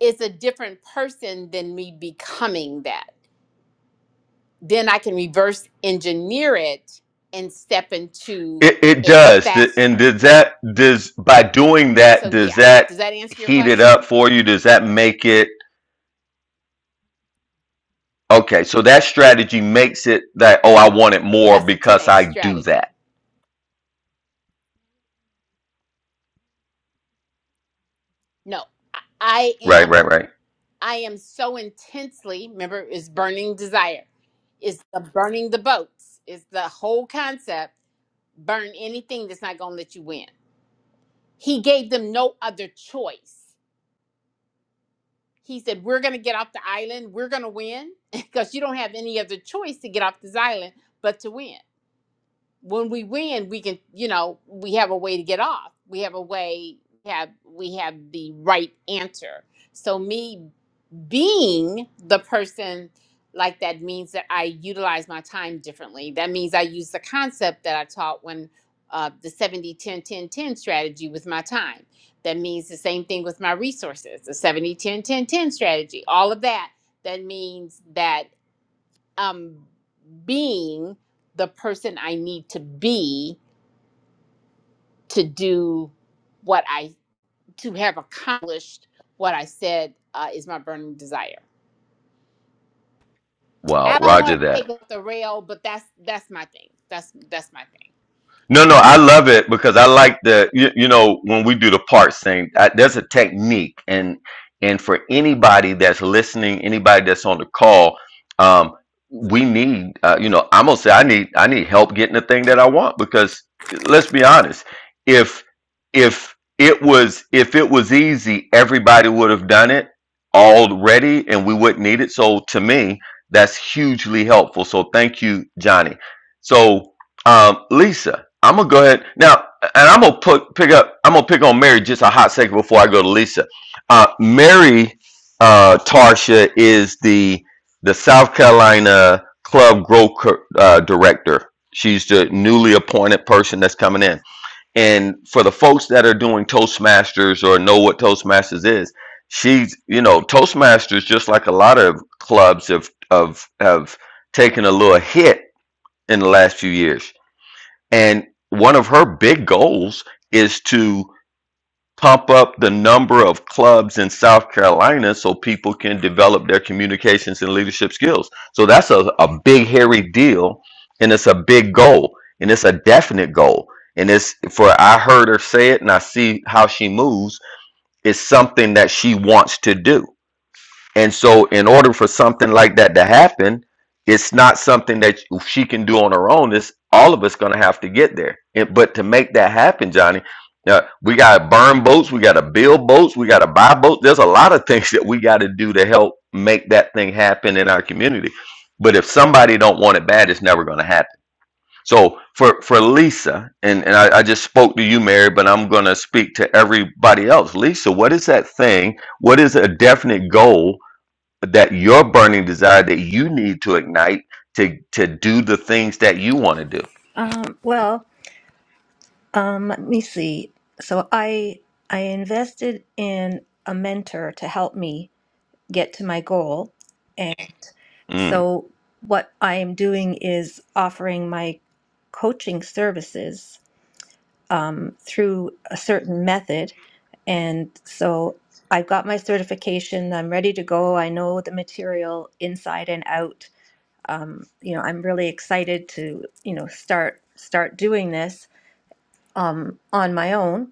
S3: it's a different person than me becoming that. Then I can reverse engineer it and step into
S1: it it
S3: it
S1: does. Th- And
S3: faster.
S1: does that does by doing that
S3: So yeah,
S1: does that
S3: does that answer your
S1: heat it up
S3: question?
S1: for you? Does that make it? Okay, so that strategy makes it that, oh, I want it more
S3: That's a
S1: because
S3: 10x
S1: I do
S3: strategy.
S1: that.
S3: No, I I
S1: Right,
S3: am.
S1: right, right.
S3: I am so intensely. Remember, is burning desire. Is the burning the boats. Is the whole concept. Burn anything that's not going to let you win. He gave them no other choice. He said, "We're going to get off the island. We're going to win because you don't have any other choice to get off this island but to win. When we win, we can. You know, we have a way to get off. We have a way. Have we have the right answer." So me being the person like that means that I utilize my time differently. That means I use the concept that I taught when uh, the 70 10 10 ten strategy with my time. That means the same thing with my resources, the 70 10 10 10 strategy, all of that. That means that um, being the person I need to be to do what I, to have accomplished what I said uh, is my burning desire.
S1: Wow,
S3: I don't want
S1: roger
S3: to
S1: that.
S3: take up the rail, but that's that's my thing. That's that's my thing.
S1: No,
S3: Okay,
S1: no, I love it because I like the you, you know when we do the parts thing. I, there's a technique, and and for anybody that's listening, anybody that's on the call, um, we need uh, you know I'm gonna say I need I need help getting the thing that I want because let's be honest, if if it was if it was easy, everybody would have done it already, and we wouldn't need it. So to me, that's hugely helpful. So thank you, Johnny. So um, Lisa, I'm gonna go ahead now, and I'm gonna put pick up. I'm gonna pick on Mary just a hot second before I go to Lisa. Uh, Mary uh, Tarsha is the the South Carolina Club Growth Co- uh, Director. She's the newly appointed person that's coming in. And for the folks that are doing Toastmasters or know what Toastmasters is, she's you know Toastmasters just like a lot of clubs have have have taken a little hit in the last few years and one of her big goals is to pump up the number of clubs in South Carolina so people can develop their communications and leadership skills. So that's a, a big, hairy deal. And it's a big goal. And it's a definite goal. And it's for I heard her say it and I see how she moves. It's something that she wants to do. And so, in order for something like that to happen, it's not something that she can do on her own. It's all of us going to have to get there. And- but to make that happen, Johnny, uh, we got to burn boats, we got to build boats, we got to buy boats. There's a lot of things that we got to do to help make that thing happen in our community. But if somebody don't want it bad, it's never going to happen. So for for Lisa, and, and I, I just spoke to you, Mary, but I'm going to speak to everybody else. Lisa, what is that thing? What is a definite goal that your burning desire that you need to ignite to to do the things that you want to do.
S4: Um, well, um, let me see. So I I invested in a mentor to help me get to my goal, and
S1: Mm.
S4: so what I am doing is offering my coaching services um, through a certain method, and so I've got my certification. I'm ready to go. I know the material inside and out um, you know, I'm really excited to, you know, start start doing this um, on my own.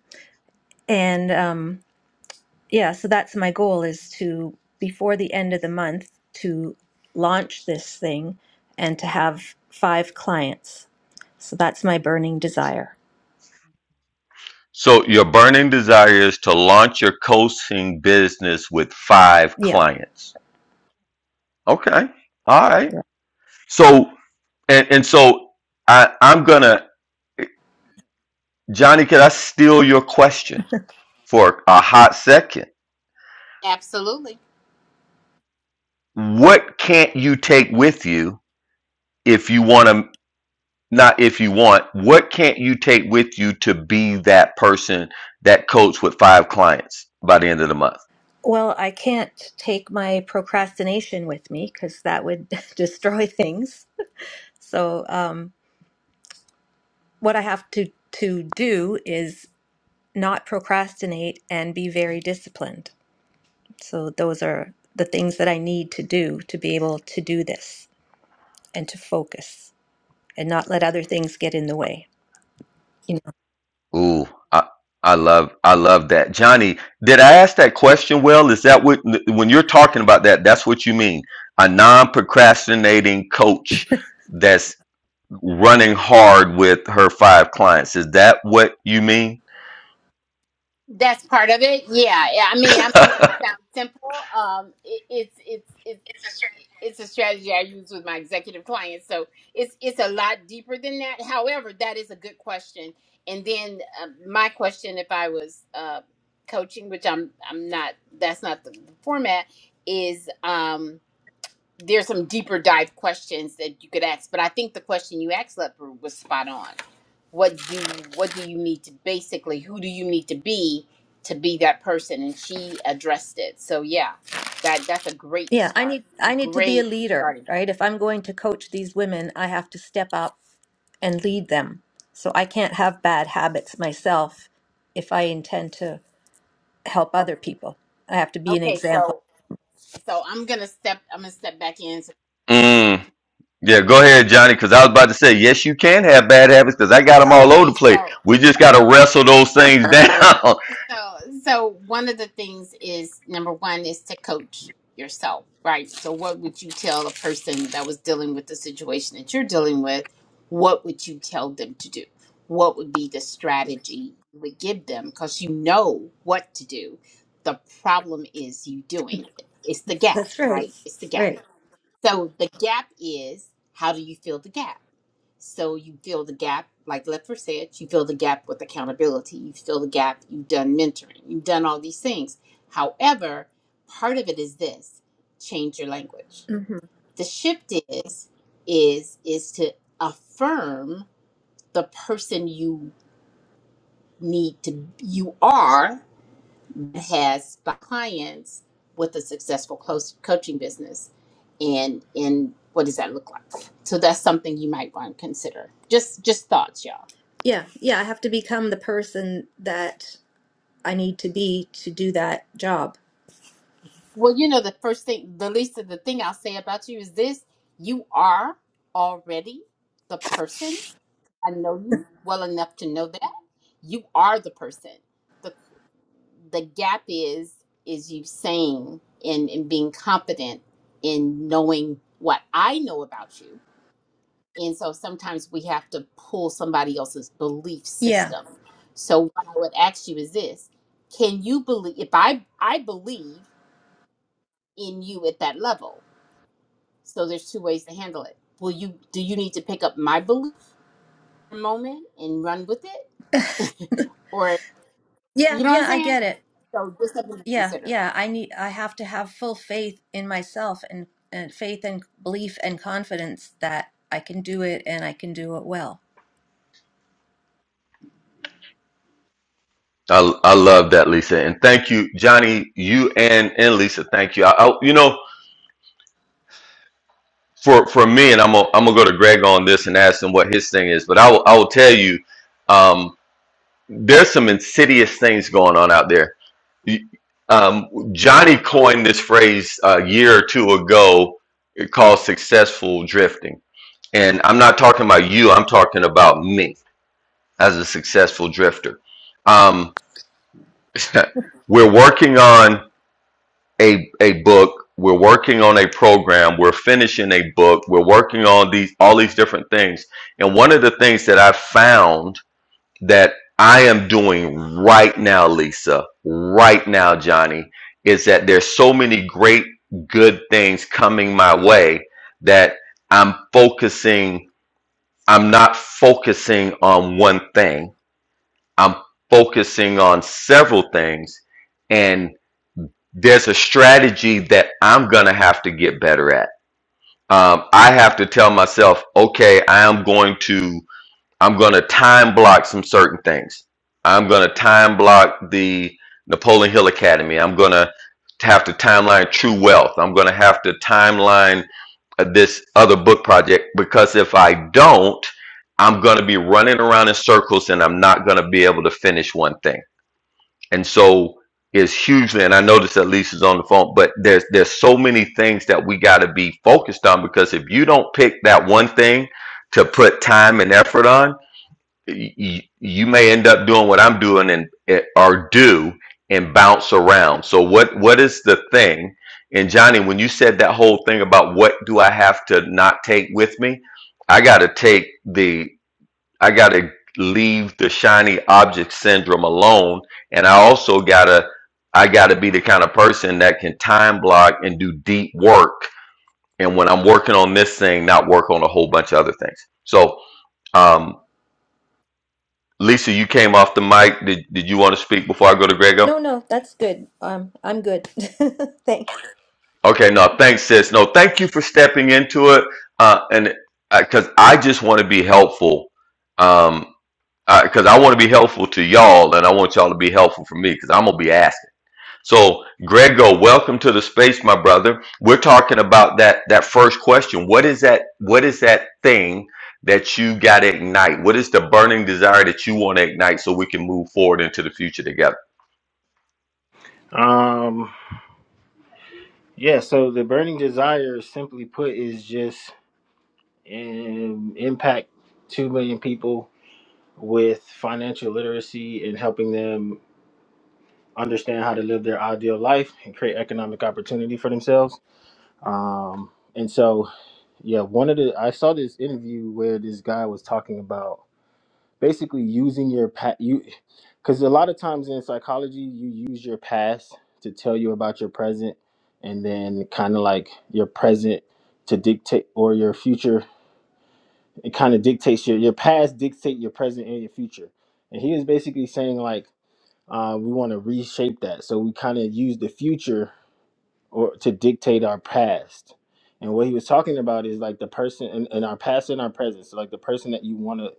S4: And um, yeah, so that's my goal is to before the end of the month to launch this thing and to have five clients. So that's my burning desire.
S1: So your burning desire is to launch your coaching business with five
S4: Yeah.
S1: clients. Okay. All right.
S4: Yeah.
S1: So and and so I I'm gonna Johnny, can I steal your question for a hot second?
S3: absolutely.
S1: What can't you take with you if you want to? not if you want what can't you take with you to be that person that coach with five clients by the end of the month
S4: Well, I can't take my procrastination with me because that would destroy things. So, um, what I have to to do is not procrastinate and be very disciplined. So those are the things that I need to do to be able to do this and to focus and not let other things get in the way. You know.
S1: ooh i i love i love that johnny did i ask that question well is that what when you're talking about that that's what you mean a non-procrastinating coach that's running hard with her five clients is that what you mean
S3: That's part of it. Yeah, yeah. I mean, I'm it sounds simple. Um, it, it's it's it's it's a strategy I use with my executive clients. So it's it's a lot deeper than that. However, that is a good question. And then uh, my question, if I was uh, coaching, which I'm I'm not, that's not the, the format, is. Um, there's some deeper dive questions that you could ask, but I think the question you asked Leopard was spot on. What do what do you need to basically who do you need to be to be that person? And she addressed it. So yeah, that that's a great
S4: Yeah, I
S3: start.
S4: need I need to be a
S3: Great
S4: leader,
S3: starting.
S4: right? If I'm going to coach these women, I have to step up and lead them. So I can't have bad habits myself if I intend to help
S3: O-
S4: other people. I have to be an
S3: Okay,
S4: example.
S3: so so I'm gonna step I'm gonna step back in.
S1: mm. Yeah, go ahead, Johnny, because I was about to say, yes, you can have bad habits because I got them all over the
S3: Okay,
S1: place.
S3: so
S1: We just got to wrestle those things down. I,
S3: So, so one of the things is number one is to coach yourself, right? So, what would you tell a person that was dealing with the situation that you're dealing with? What would you tell them to do? What would be the strategy you would give them? Because you know what to do. The problem is you doing it. It's the gap,
S4: That's right.
S3: right? It's the gap.
S4: Right.
S3: So, the gap is how do you fill the gap? So you fill the gap, like Leffler said, you fill the gap with accountability. You fill the gap, you've done mentoring, you've done all these things. However, part of it is this change your language.
S4: hmm
S3: The shift is is is to affirm the person you need to you are that has the clients with a successful close coaching business and and what does that look like so that's something you might want to consider just just thoughts y'all
S4: Yeah, yeah, I have to become the person that I need to be to do that job.
S3: Well, you know, the first thing, the least of the thing I'll say about you is this you are already the person. I know you well enough to know that. You are the person. The the gap is is you saying and, and being confident in knowing what I know about you. And so sometimes we have to pull somebody else's belief
S4: Yeah.
S3: system. So what I would ask you is this can you believe if I I believe in you at that level? So there's two ways to handle it. Will you do you need to pick up my belief for a moment and run with it? Or
S4: Yeah,
S3: you know what I'm
S4: yeah, I
S3: saying?
S4: get it.
S3: So just something to
S4: Yeah,
S3: consider.
S4: yeah, I need I have to have full faith in myself and, and faith and belief and confidence that I can do it and I can do it well.
S1: I love that, Lisa. And thank you, Johnny, you and, and Lisa. Thank you. I, I, you know, for, for me, and I'm going to I'm gonna go to Greg on this and ask him what his thing is, but I will, I will tell you, um, there's some insidious things going on out there. You- Um, Johnny coined this phrase a year or two ago called successful drifting and I'm not talking about you. I'm talking about me as a successful drifter. Um, we're working on a a book. We're working on a program. We're finishing a book. We're working on these all these different things. And one of the things that I found that I am doing right now, Lisa, right now, Johnny, is that there's so many great good things coming my way that I'm focusing I'm not focusing on one thing. I'm focusing on several things. And there's a strategy that I'm going to have to get better at. Um, I have to tell myself, okay, I am going to, I'm going to time block some certain things. I'm going to time block the Napoleon Hill Academy. I'm going to have to timeline True Wealth. I'm going to have to timeline uh, this other book project because if I don't, I'm going to be running around in circles and I'm not going to be able to finish one thing. And so it's hugely, and I noticed that Lisa's on the phone, but there's there's so many things that we got to be focused on because if you don't pick that one thing to put time and effort on, you, you may end up doing what I'm doing and eh, or do and bounce around. So what what is the thing? And Johnny, when you said that whole thing about what do I have to not take with me, I got to take the I got to leave the shiny object syndrome alone, and I also gotta I gotta be the kind of person that can time block and do deep work. And when I'm working on this thing, not work on a whole bunch of other things. So um, Lisa, you came off the mic. Did, did you want to speak before I go to Grego?
S4: No, no, that's good. Um, I'm good. Thanks.
S1: Okay, no, thanks, sis. No, thank you for stepping into it. Uh, and because I just want to be helpful. Um, because I want to be helpful to y'all, and I want y'all to be helpful for me, because I'm gonna be asking. So, Grego, welcome to the space, my brother. We're talking about that that first question. What is that? What is that thing that you got to ignite? What is the burning desire that you want to ignite so we can move forward into the future together?
S6: Um, yeah, so the burning desire, simply put, is just um, impact 2 million people with financial literacy and helping them understand how to live their ideal life and create economic opportunity for themselves. Um, and so, yeah, one of the, I saw this interview where this guy was talking about basically using your past you because a lot of times in psychology you use your past to tell you about your present and then kind of like your present to dictate or your future it kind of dictates your your past dictate your present and your future and he was basically saying like uh, we want to reshape that so we kind of use the future or to dictate our past. And what he was talking about is like the person in, in our past and our present. So like the person that you want to,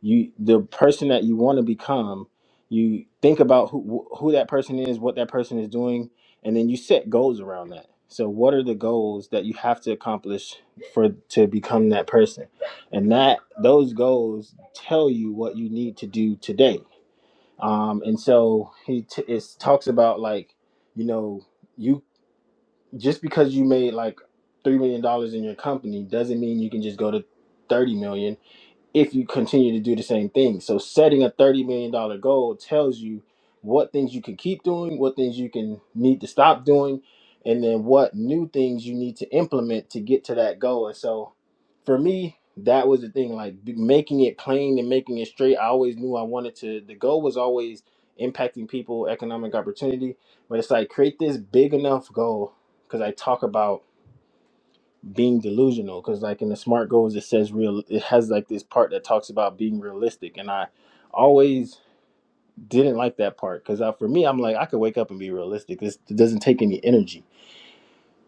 S6: you the person that you want to become. You think about who who that person is, what that person is doing, and then you set goals around that. So what are the goals that you have to accomplish for to become that person? And that those goals tell you what you need to do today. Um, and so he t- it talks about like you know you just because you made like three million dollars in your company doesn't mean you can just go to thirty million if you continue to do the same thing. So setting a thirty million dollar goal tells you what things you can keep doing, what things you can need to stop doing, and then what new things you need to implement to get to that goal. And so for me, that was the thing, like b- making it plain and making it straight. I always knew I wanted to the goal was always impacting people, economic opportunity. But it's like create this big enough goal because I talk about being delusional because like in the smart goals it says real it has like this part that talks about being realistic and i always didn't like that part because for me i'm like i could wake up and be realistic this it doesn't take any energy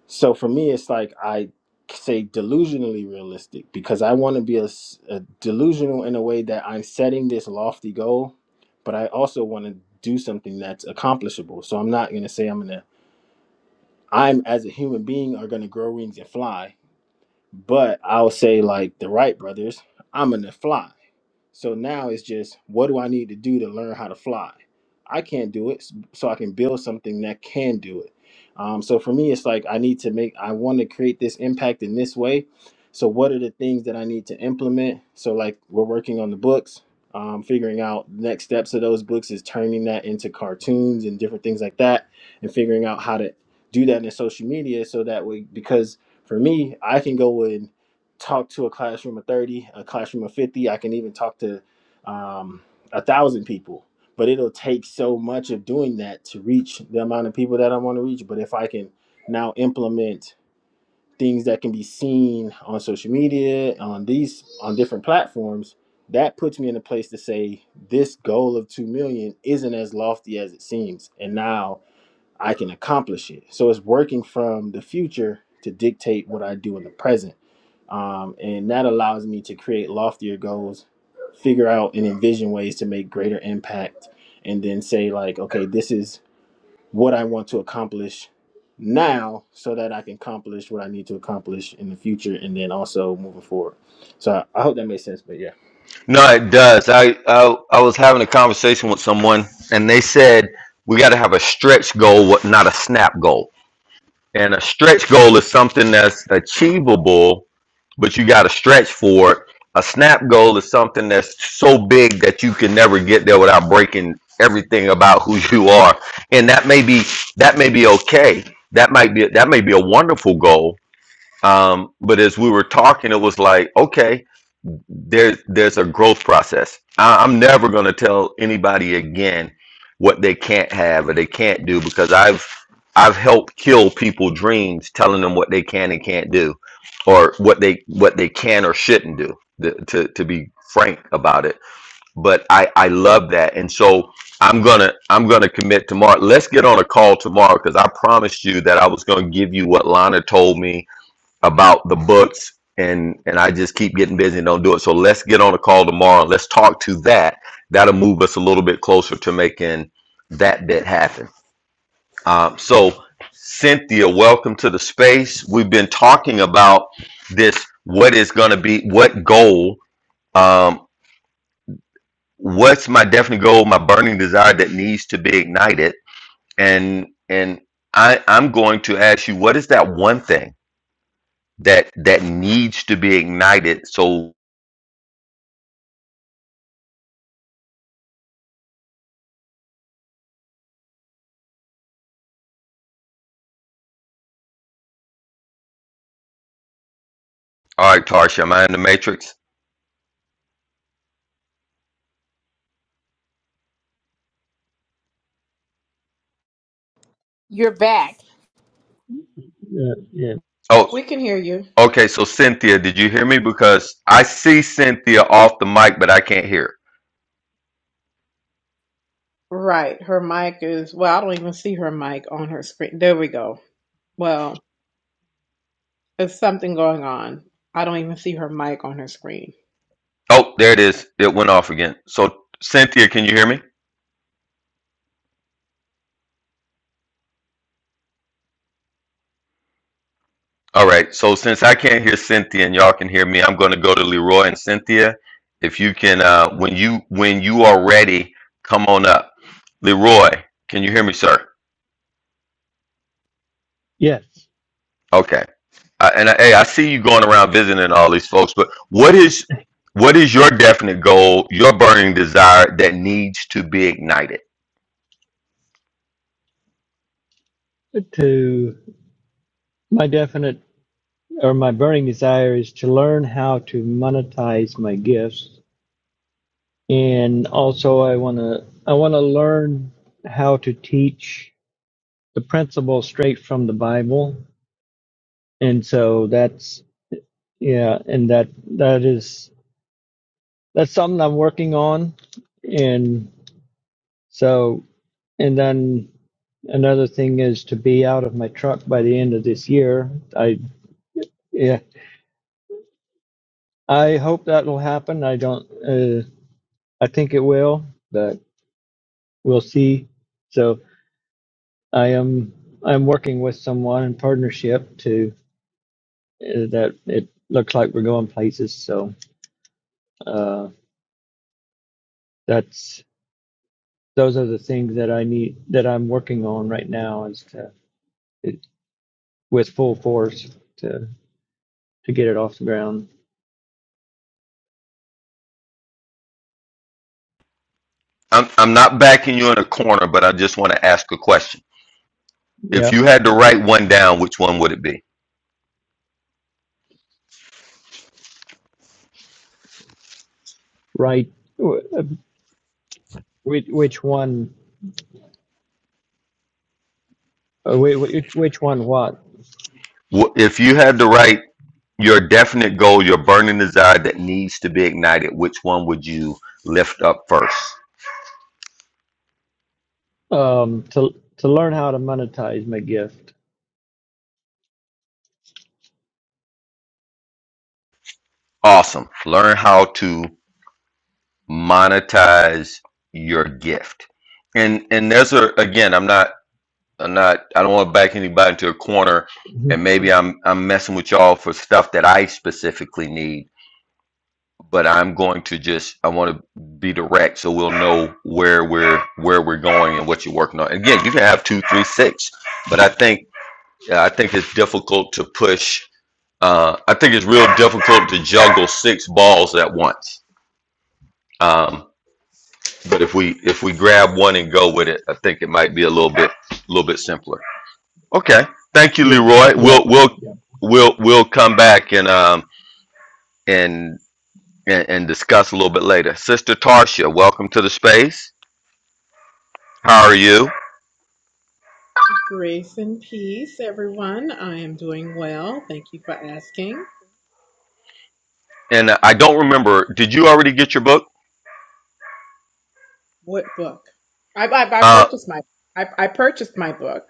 S6: so for me it's like i say delusionally realistic because i want to be a, s- a delusional in a way that i'm setting this lofty goal but i also want to do something that's accomplishable so i'm not going to say i'm going to i'm as a human being are going to grow wings and fly But I'll say like the Wright brothers, I'm gonna fly. So now it's just what do I need to do to learn how to fly? I can't do it, s- so I can build something that can do it. Um, so for me, it's like I need to make, I want to create this impact in this way. So what are the things that I need to implement? So like we're working on the books, um, figuring out next steps of those books is turning that into cartoons and different things like that, and figuring out how to do that in social media so that way because for me, I can go in talk to a classroom of 30, a classroom of 50. I can even talk to um, a thousand people. But it'll take so much of doing that to reach the amount of people that I want to reach. But if I can now implement things that can be seen on social media, on these, on different platforms, that puts me in a place to say this goal of 2 million isn't as lofty as it seems. And now I can accomplish it. So it's working from the future to dictate what I do in the present um, and that allows me to create loftier goals figure out and envision ways to make greater impact and then say like okay this is what i want to accomplish now so that i can accomplish what i need to accomplish in the future and then also moving forward so i, I hope that makes sense but yeah
S1: No, it does. I, I I was having a conversation with someone, and they said we got to have a stretch goal, what- not a snap goal. And a stretch goal is something that's achievable, but you got to stretch for it. A snap goal is something that's so big that you can never get there without breaking everything about who you are. And that may be that may be okay. That might be that may be a wonderful goal, Um, but as we were talking, it was like, okay, there's there's a growth process. I, I'm never going to tell anybody again what they can't have or they can't do because I've I've helped kill people dreams telling them what they can and can't do or what they what they can or shouldn't do th- to to be frank about it but i i love that and so i'm gonna i'm gonna commit tomorrow let's get on a call tomorrow because i promised you that i was gonna give you what lana told me about the books and and I just keep getting busy and don't do it. So let's get on a call tomorrow. Let's talk to that. That'll move us a little bit closer to making that bit happen. Um, so Cynthia, welcome to the space. We've been talking about this. What is going to be what goal? Um, what's my definite goal? My burning desire that needs to be ignited. And and I I'm going to ask you, what is that one thing that that needs to be ignited so All right, Tarsha, am I in the matrix?
S3: You're back.
S7: uh, yeah,
S1: Oh,
S8: We can hear you.
S1: okay. So Cynthia, did you hear me? Because I see Cynthia off the mic, but I can't hear.
S8: Right. Her mic is, well, I don't even see her mic on her screen. There we go. Well, there's something going on. I don't even see her mic on her screen.
S1: Oh, there it is. It went off again. So Cynthia, can you hear me? All right. So since I can't hear Cynthia and y'all can hear me, I'm going to go to Leroy and Cynthia. If you can, uh, when you when you are ready, come on up. Leroy, can you hear me, sir?
S7: yes,
S1: Okay. I, and I, hey, I see you going around visiting all these folks, but what is what is your definite goal, your burning desire that needs to be ignited?
S7: to my definite or my burning desire is to learn how to monetize my gifts, and also I want to I want to learn how to teach the principles straight from the Bible, and so that's yeah, and that that is that's something I'm working on, and so and then another thing is to be out of my truck by the end of this year. I yeah, I hope that will happen. I don't. Uh, I think it will, but we'll see. So I am. I'm working with someone in partnership to uh, that. It looks like we're going places. So uh, that's those are the things that I need that I'm working on right now is to it, with full force to to get it off the ground.
S1: I'm I'm not backing you in a corner, but I just want to ask a question.
S7: Yeah.
S1: If you had to write one down, which one would it be?
S7: Right. Which, which one? uh, Which one? What?
S1: Wh- If you had to write your definite goal, your burning desire that needs to be ignited, which one would you lift up first?
S7: Um. To to learn how to monetize my gift
S1: Awesome. Learn how to monetize your gift. And and there's a again, I'm not. I'm not. I don't want to back anybody into a corner,
S7: Mhm.
S1: and maybe I'm I'm messing with y'all for stuff that I specifically need. But I'm going to just. I want to be direct, so we'll know where we're where we're going and what you're working on. And again, you can have two, three, six, but I think I think it's difficult to push. Uh, I think it's real difficult to juggle six balls at once. Um, but if we if we grab one and go with it, I think it might be a little bit a little bit simpler. Okay. Thank you,
S7: Yeah,
S1: Leroy.
S7: yeah,
S1: We'll we'll
S7: yeah.
S1: we'll we'll come back and um and and, and discuss a little bit later. Sister Tarsha, welcome to the space. How are you?
S8: Grace and peace, everyone. I am doing well. Thank you for asking.
S1: And uh, I don't remember. Did you already get your book?
S8: What book? I I, I
S1: Uh,
S8: purchased my I, I purchased my book.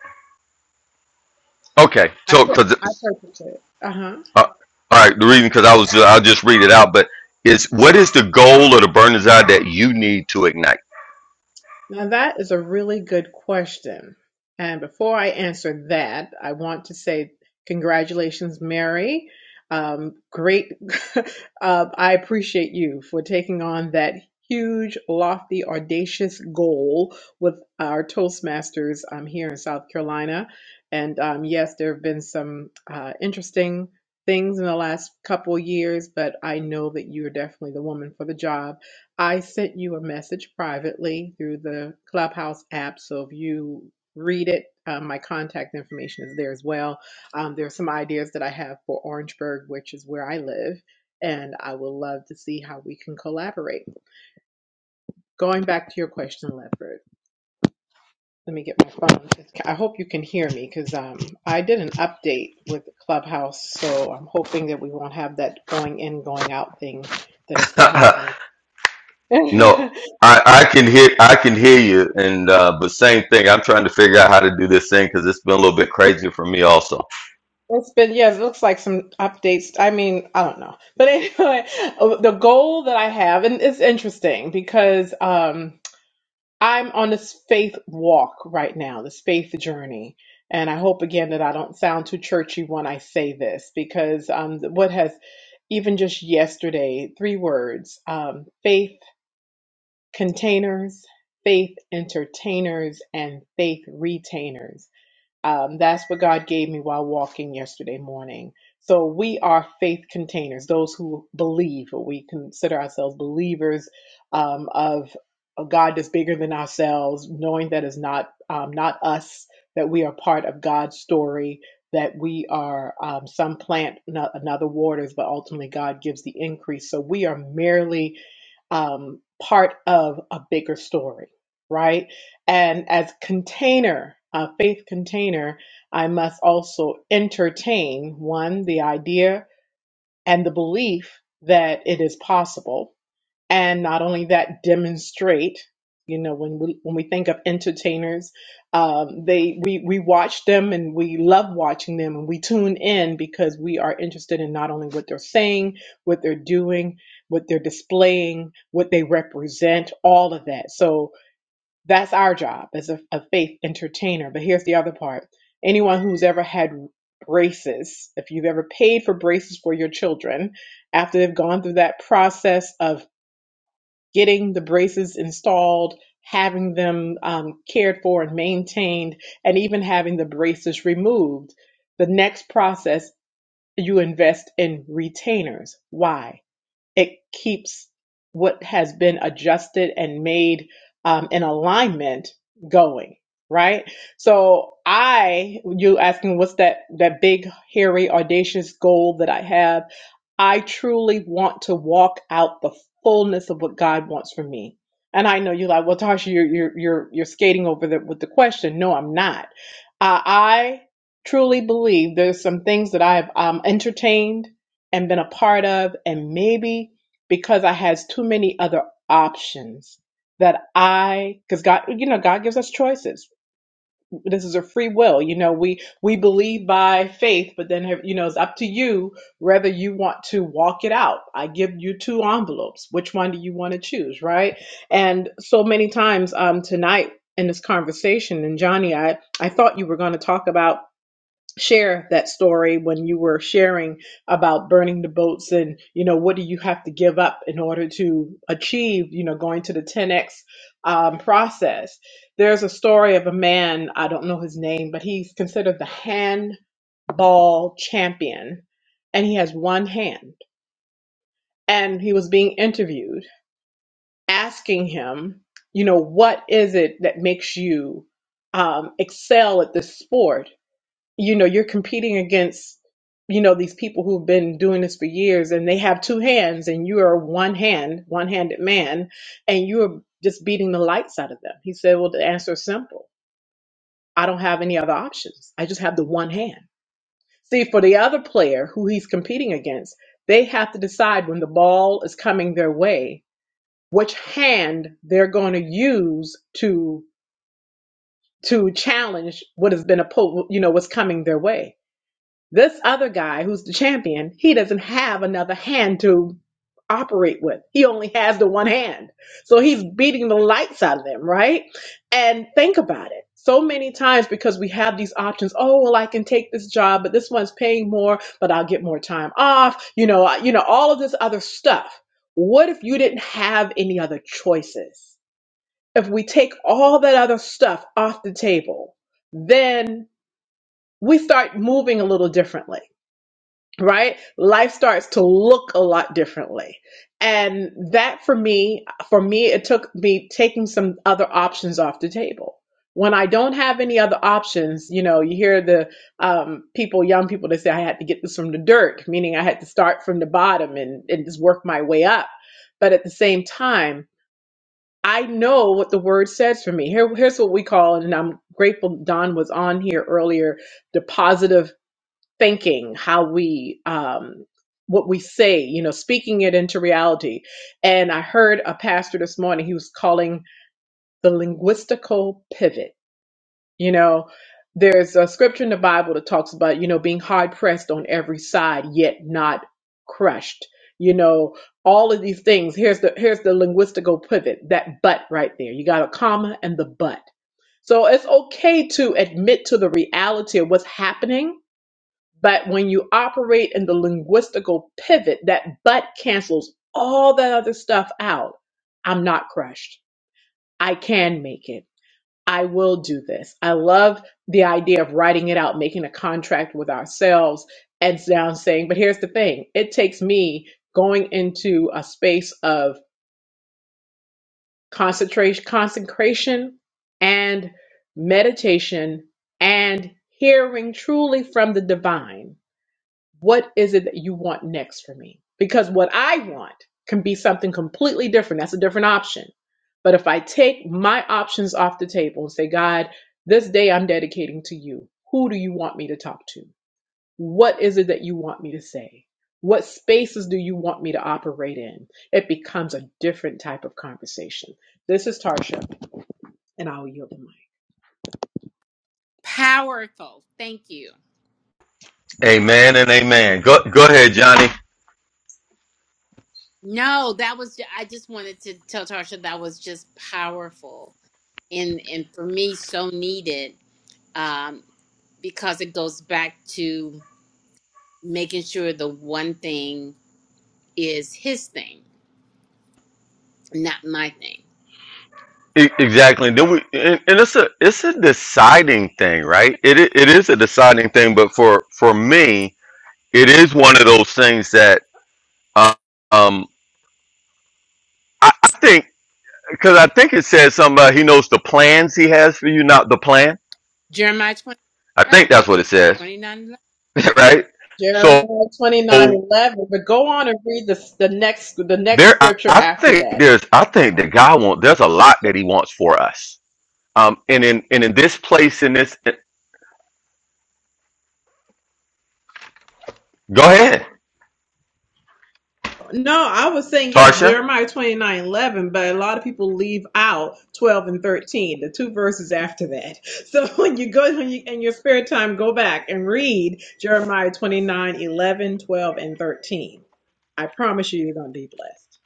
S1: okay.
S8: I
S1: So,
S8: pur-
S1: because
S8: I purchased it. Uh huh.
S1: uh, all right, the reason because I was I'll just read it out. But is what is the goal or the burn desire that you need to ignite?
S8: Now, that is a really good question. And before I answer that, I want to say congratulations, Mary. Um, great. uh, I appreciate you for taking on that huge, lofty, audacious goal with our Toastmasters um, here in South Carolina. And um, yes, there have been some uh, interesting things in the last couple years, but I know that you're definitely the woman for the job I sent you a message privately through the Clubhouse app. So if you read it, um, my contact information is there as well. Um, there are some ideas that I have for Orangeburg, which is where I live, and I would love to see how we can collaborate. Going back to your question, Lefford, let me get my phone. I hope you can hear me because um, I did an update with Clubhouse, so I'm hoping that we won't have that going in, going out thing that has been happening.
S1: no, I, I can hear I can hear you, and uh, but same thing. I'm trying to figure out how to do this thing because it's been a little bit crazy for me also.
S8: It's been, yeah, it looks like some updates. I mean, I don't know. But anyway, the goal that I have, and it's interesting because um, I'm on this faith walk right now, this faith journey. And I hope again that I don't sound too churchy when I say this because um, what has, even just yesterday, three words um, faith containers, faith entertainers, and faith retainers um, that's what God gave me while walking yesterday morning. So we are faith containers, those who believe, or we consider ourselves believers um, of a God that's bigger than ourselves, knowing that is not um, not us, that we are part of God's story, that we are um, some plant, no- another waters, but ultimately God gives the increase. So we are merely um, part of a bigger story, right? and as container a faith container i must also entertain one the idea and the belief that it is possible and not only that demonstrate you know when we when we think of entertainers um, they we we watch them and we love watching them and we tune in because we are interested in not only what they're saying what they're doing what they're displaying what they represent all of that so that's our job as a, a faith entertainer. But here's the other part anyone who's ever had braces, if you've ever paid for braces for your children, after they've gone through that process of getting the braces installed, having them um, cared for and maintained, and even having the braces removed, the next process you invest in retainers. Why? it keeps what has been adjusted and made um, in alignment going right so i you asking what's that that big hairy audacious goal that i have I truly want to walk out the fullness of what God wants for me. And I know you're like, well, Tasha, you're you're you're you're skating over the with the question. No, I'm not. Uh, I truly believe there's some things that I've um, entertained and been a part of, and maybe because I has too many other options that I, because God, you know, God gives us choices this is a free will you know we we believe by faith but then you know it's up to you whether you want to walk it out i give you two envelopes which one do you want to choose right and so many times um tonight in this conversation and johnny i i thought you were going to talk about share that story when you were sharing about burning the boats and you know what do you have to give up in order to achieve you know going to the 10x um, process there's a story of a man i don't know his name but he's considered the handball champion and he has one hand and he was being interviewed asking him you know what is it that makes you um, excel at this sport you know you're competing against you know these people who've been doing this for years and they have two hands and you are one hand one-handed man and you're just beating the lights out of them he said well the answer is simple i don't have any other options i just have the one hand see for the other player who he's competing against they have to decide when the ball is coming their way which hand they're going to use to to challenge what has been a po- you know what's coming their way This other guy who's the champion, he doesn't have another hand to operate with. He only has the one hand. So he's beating the lights out of them, right? And think about it. So many times because we have these options, oh well I can take this job, but this one's paying more, but I'll get more time off, you know, I- you know all of this other stuff. What if you didn't have any other choices? If we take all that other stuff off the table, then we start moving a little differently right? Life starts to look a lot differently. And that for me, for me, it took me taking some other options off the table. When I don't have any other options, you know, you hear the um, people, young people that say, I had to get this from the dirt, meaning I had to start from the bottom and, and just work my way up. But at the same time, I know what the word says for me. Here, here's what we call, and I'm grateful Don was on here earlier, the positive thinking, how we um what we say, you know, speaking it into reality. And I heard a pastor this morning, he was calling the linguistical pivot. You know, there's a scripture in the Bible that talks about, you know, being hard pressed on every side, yet not crushed. You know, all of these things. Here's the here's the linguistical pivot, that but right there. You got a comma and the but. So it's okay to admit to the reality of what's happening but when you operate in the linguistical pivot, that but cancels all that other stuff out. I'm not crushed. I can make it. I will do this. I love the idea of writing it out, making a contract with ourselves, and now saying, but here's the thing it takes me going into a space of concentration, consecration and meditation and hearing truly from the divine what is it that you want next for me? Because what I want can be something completely different. That's a different option. But if I take my options off the table and say, God, this day I'm dedicating to you, who do you want me to talk to? What is it that you want me to say? What spaces do you want me to operate in? It becomes a different type of conversation. This is Tarsha, and I will yield the mic.
S3: Powerful. Thank you.
S1: Amen and amen. Go go ahead, Johnny.
S3: No, that was I just wanted to tell Tarsha that was just powerful and and for me so needed um because it goes back to making sure the one thing is his thing, not my thing.
S1: E- Exactly. Then we and, and it's a it's a deciding thing, right? It i- it is a deciding thing, but for for me, it is one of those things that uh, um I, I think because I think it says something about he knows the plans he has for you, not the plan.
S3: Jeremiah 20,
S1: I think that's what it says,
S3: 29
S1: right? So
S8: Jeremiah twenty nine
S1: there,
S8: eleven. but go on and read the, the next the next
S1: I,
S8: scripture
S1: I
S8: after
S1: think
S8: that.
S1: there's I think that God wants there's a lot that He wants for us. Um, and in and in this place in this, go ahead.
S8: No, I was saying yes,
S1: Tarsha?
S8: Jeremiah twenty nine eleven, but a lot of people leave out 12 and 13, the two verses after that. So when you go when you, in your spare time, go back and read Jeremiah twenty nine eleven, twelve, and 13. I promise you, you're going to be blessed.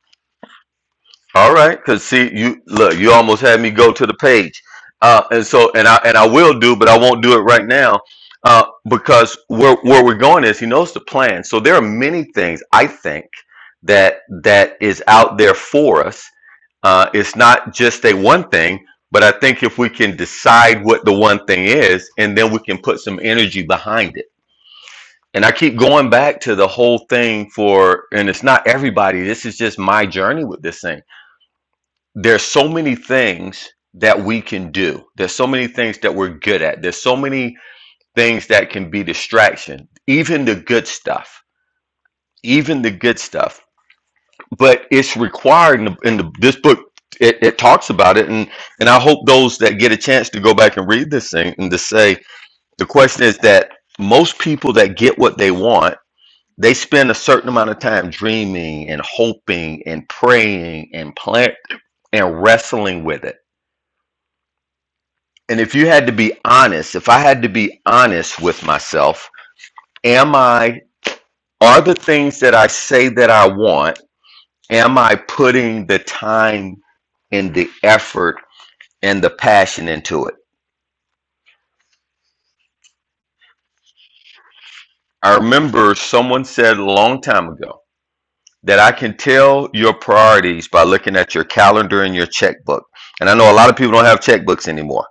S1: All right, because see, you look, you almost had me go to the page, uh, and so and I and I will do, but I won't do it right now uh, because where where we're going is he knows the plan. So there are many things I think that that is out there for us. Uh, it's not just a one thing, but I think if we can decide what the one thing is, and then we can put some energy behind it. And I keep going back to the whole thing for, and it's not everybody. This is just my journey with this thing there's so many things that we can do. There's so many things that we're good at. There's so many things that can be distraction, even the good stuff, even the good stuff. But it's required in, the, in the, this book. It, it talks about it, and and I hope those that get a chance to go back and read this thing and to say the question is that most people that get what they want, they spend a certain amount of time dreaming and hoping and praying and plant and wrestling with it And if you had to be honest, if I had to be honest with myself, am I, are the things that I say that I want, am I putting the time and the effort and the passion into it? I remember someone said a long time ago that I can tell your priorities by looking at your calendar and your checkbook. And I know a lot of people don't have checkbooks anymore,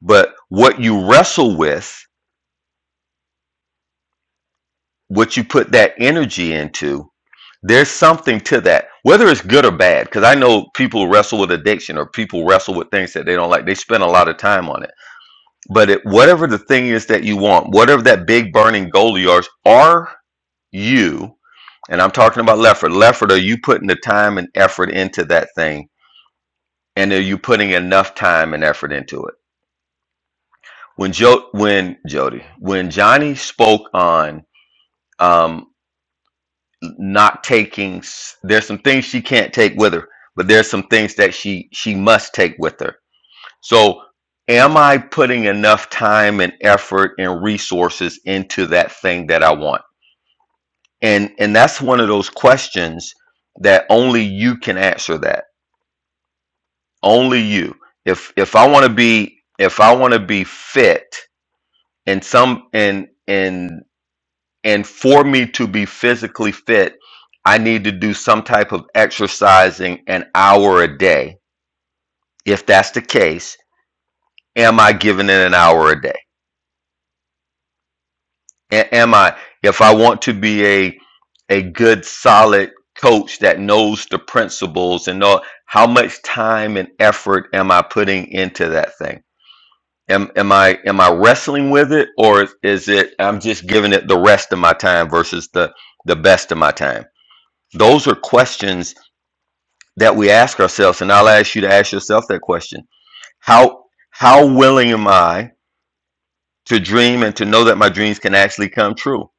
S1: but what you wrestle with, what you put that energy into, There's something to that, whether it's good or bad, because I know people wrestle with addiction or people wrestle with things that they don't like. They spend a lot of time on it. But it, whatever the thing is that you want, whatever that big burning goal of yours, are you, and I'm talking about Lefford, Lefford, are you putting the time and effort into that thing? And are you putting enough time and effort into it? When Joe, when Jody, when Johnny spoke on um. not taking s- there's some things she can't take with her but there's some things that she she must take with her so am i putting enough time and effort and resources into that thing that i want and and that's one of those questions that only you can answer that only you if if i want to be if i want to be fit in some in in And for me to be physically fit, I need to do some type of exercising an hour a day. If that's the case, am I giving it an hour a day? A- Am I, if I want to be a a good solid coach that knows the principles and know how much time and effort am I putting into that thing? Am, am I am I wrestling with it or is it I'm just giving it the rest of my time versus the the best of my time? Those are questions that we ask ourselves, and I'll ask you to ask yourself that question. How how willing am I to dream and to know that my dreams can actually come true?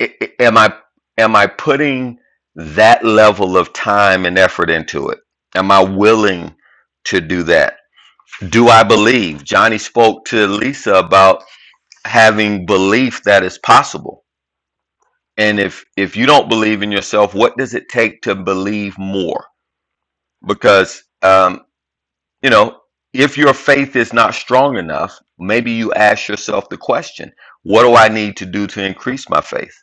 S1: I- I- Am I am I putting that level of time and effort into it? Am I willing to do that? Do I believe? Johnny spoke to Lisa about having belief that is possible. And if if you don't believe in yourself, what does it take to believe more? Because um, you know, if your faith is not strong enough, maybe you ask yourself the question, what do I need to do to increase my faith?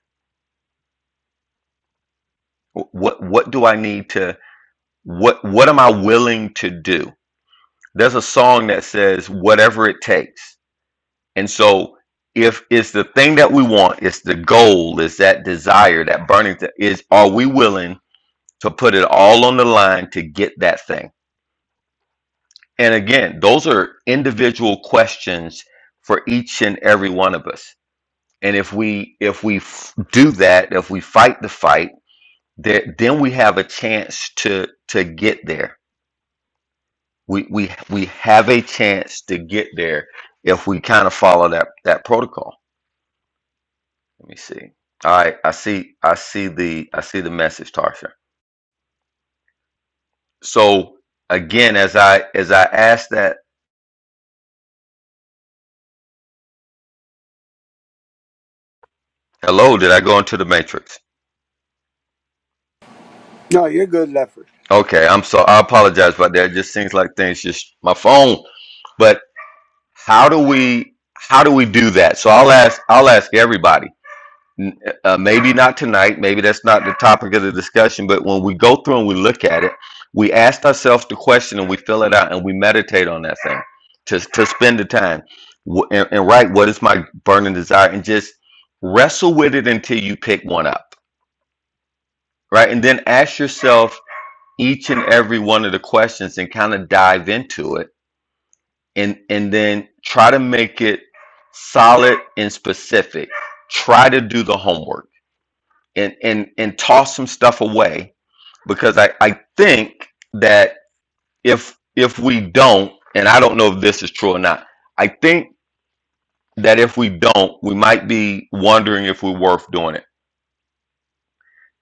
S1: What what do I need to what what am I willing to do? There's a song that says whatever it takes. And so if it's the thing that we want, it's the goal, it's that desire, that burning th- is are we willing to put it all on the line to get that thing? And again, those are individual questions for each and every one of us And if we if we f- do that, if we fight the fight, there, then we have a chance to to get there. We we we have a chance to get there if we kind of follow that that protocol. Let me see. All right, I see I see the I see the message, Tarsha. So again, as I as I asked that, hello, did I go into the matrix?
S2: No, you're good, Lefford.
S1: Okay, I'm so I apologize about that. It just seems like things just my phone. but. how do we how do we do that so i'll ask i'll ask everybody N- uh, maybe not tonight maybe that's not the topic of the discussion but when we go through and we look at it we ask ourselves the question and we fill it out and we meditate on that thing to, to spend the time Wh- and, and write what is my burning desire and just wrestle with it until you pick one up right and then ask yourself each and every one of the questions and kind of dive into it and and then try to make it solid and specific try to do the homework and and and toss some stuff away because i i think that if if we don't and i don't know if this is true or not i think that if we don't we might be wondering if we're worth doing it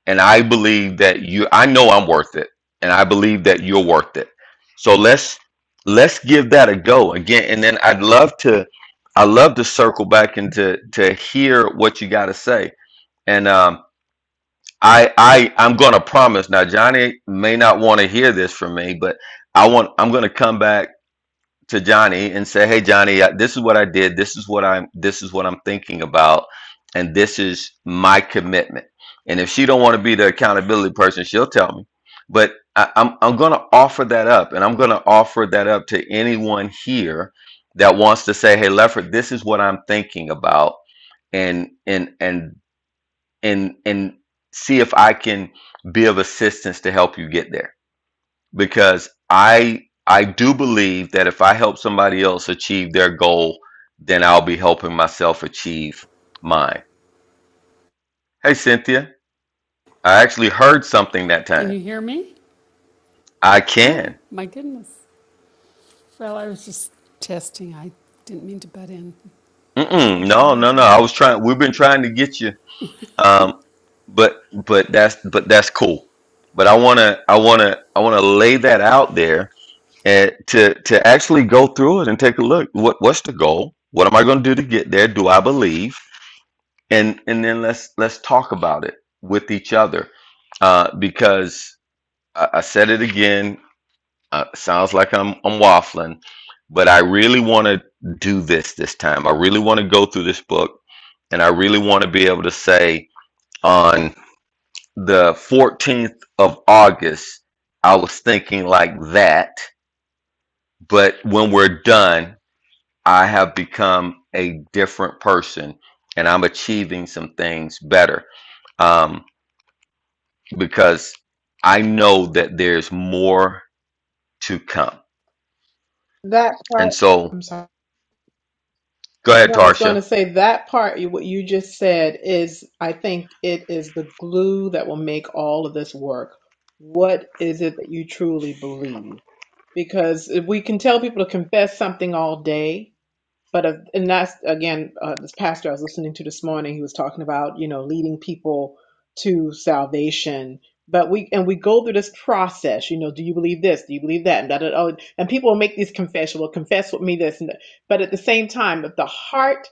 S1: and I believe that you I know I'm worth it and I believe that you're worth it. So let's let's give that a go again and then I'd love to I love to circle back and to to hear what you got to say. And um I I I'm going to promise now Johnny may not want to hear this from me but I want I'm going to come back to Johnny and say, "Hey Johnny, uh, this is what I did. This is what I'm this is what I'm thinking about and this is my commitment." And if she don't want to be the accountability person, she'll tell me. But I, I'm I'm going to offer that up and I'm going to offer that up to anyone here that wants to say, "Hey Lefford, this is what I'm thinking about." And and and and and see if I can be of assistance to help you get there because I I do believe that if I help somebody else achieve their goal, then I'll be helping myself achieve mine. Hey Cynthia, I actually heard something that
S9: Can
S1: time.
S9: you hear me?
S1: I
S9: Oh,
S1: can.
S9: my goodness. Well, I was just testing. I didn't mean to butt in. I
S1: Mm-mm,
S9: didn't
S1: no,
S9: mean
S1: no,
S9: to
S1: no. I was
S9: interrupt.
S1: trying. We've been trying to get you. Um, but but that's but that's cool. But I wanna I wanna I wanna lay that out there and to to actually go through it and take a look. What what's the goal? What am I gonna do to get there? Do I believe? and and then let's let's talk about it with each other uh, because I, I said it again uh, sounds like I'm I'm waffling but I really want to do this this time I really want to go through this book and I really want to be able to say on the 14th of August I was thinking like that but when we're done I have become a different person and I'm achieving some things better Um. because I know that there's more to come.
S8: That part,
S1: And so,
S8: I'm sorry.
S1: go ahead,
S8: No, I was going
S1: Tarsha.
S8: to say that part, you- what you just said is, I think it is the glue that will make all of this work. What is it that you truly believe? because we can tell people to confess something all day but if, and that's again uh, this pastor i was listening to this morning he was talking about you know leading people to salvation but we and we go through this process you know do you believe this do you believe that and, da, da, da, oh, and people will make these confessions will confess with me this and that. but at the same time if the heart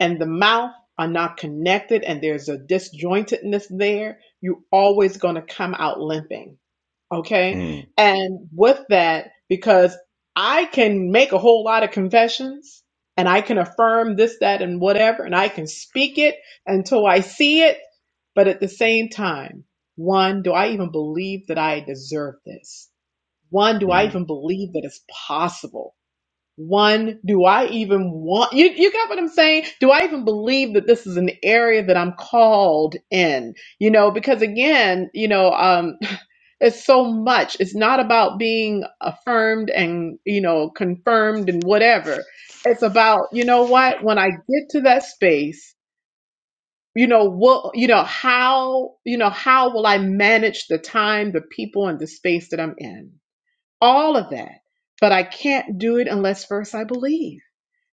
S8: and the mouth are not connected and there's a disjointedness there you're always going to come out limping Okay.
S1: Mm,
S8: And with that, because I can make a whole lot of confessions and I can affirm this, that, and whatever, and I can speak it until I see it. But at the same time, one, do I even believe that I deserve this? One, do I
S1: mm,
S8: even believe that it's possible? One, do I even want, you, you got what I'm saying? Do I even believe that this is an area that I'm called in? You know, because again, you know, um, it's so much. It's not about being affirmed and, you know, confirmed and whatever. It's about, you know what, when I get to that space, you know, what, you know, how, you know, how will I manage the time, the people, and the space that I'm in? All of that. But I can't do it unless first I believe.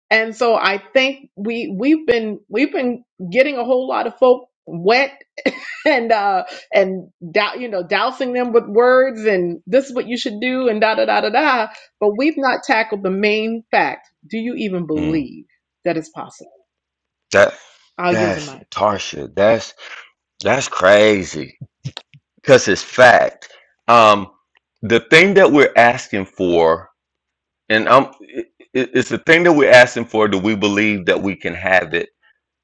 S8: And so I think we we've been we've been getting a whole lot of folk wet and uh and dou- you know dousing them with words and this is what you should do and da da da da da but we've not tackled the main fact do you even
S1: mm.
S8: believe that it's possible
S1: That
S8: i'll yield the
S1: that's
S8: mic
S1: Tarsha. That's that's crazy because it's fact. Um, the thing that we're asking for, and um, it, it- it's the thing that we're asking for. Do we believe that we can have it,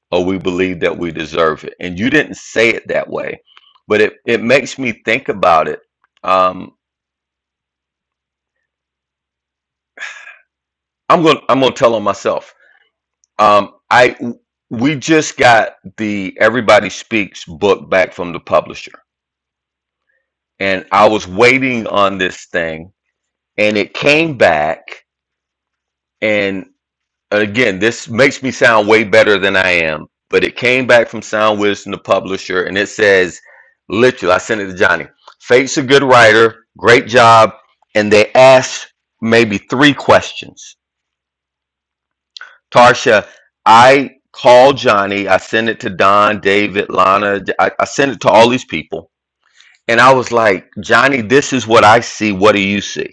S1: or we believe that we deserve it? And you didn't say it that way, but it it makes me think about it. Um, I'm gonna I'm gonna tell on myself Um, I we just got the Everybody Speaks book back from the publisher, and I was waiting on this thing, and it came back, and again, this makes me sound way better than I am, but it came back from Sound Wisdom, the publisher, and it says, literally, I sent it to Johnny. Fate's a good writer, great job, and they asked maybe three questions Tarsha, I called Johnny. I sent it to Don, David, Lana. I, I sent it to all these people, and I was like, Johnny, this is what I see. What do you see?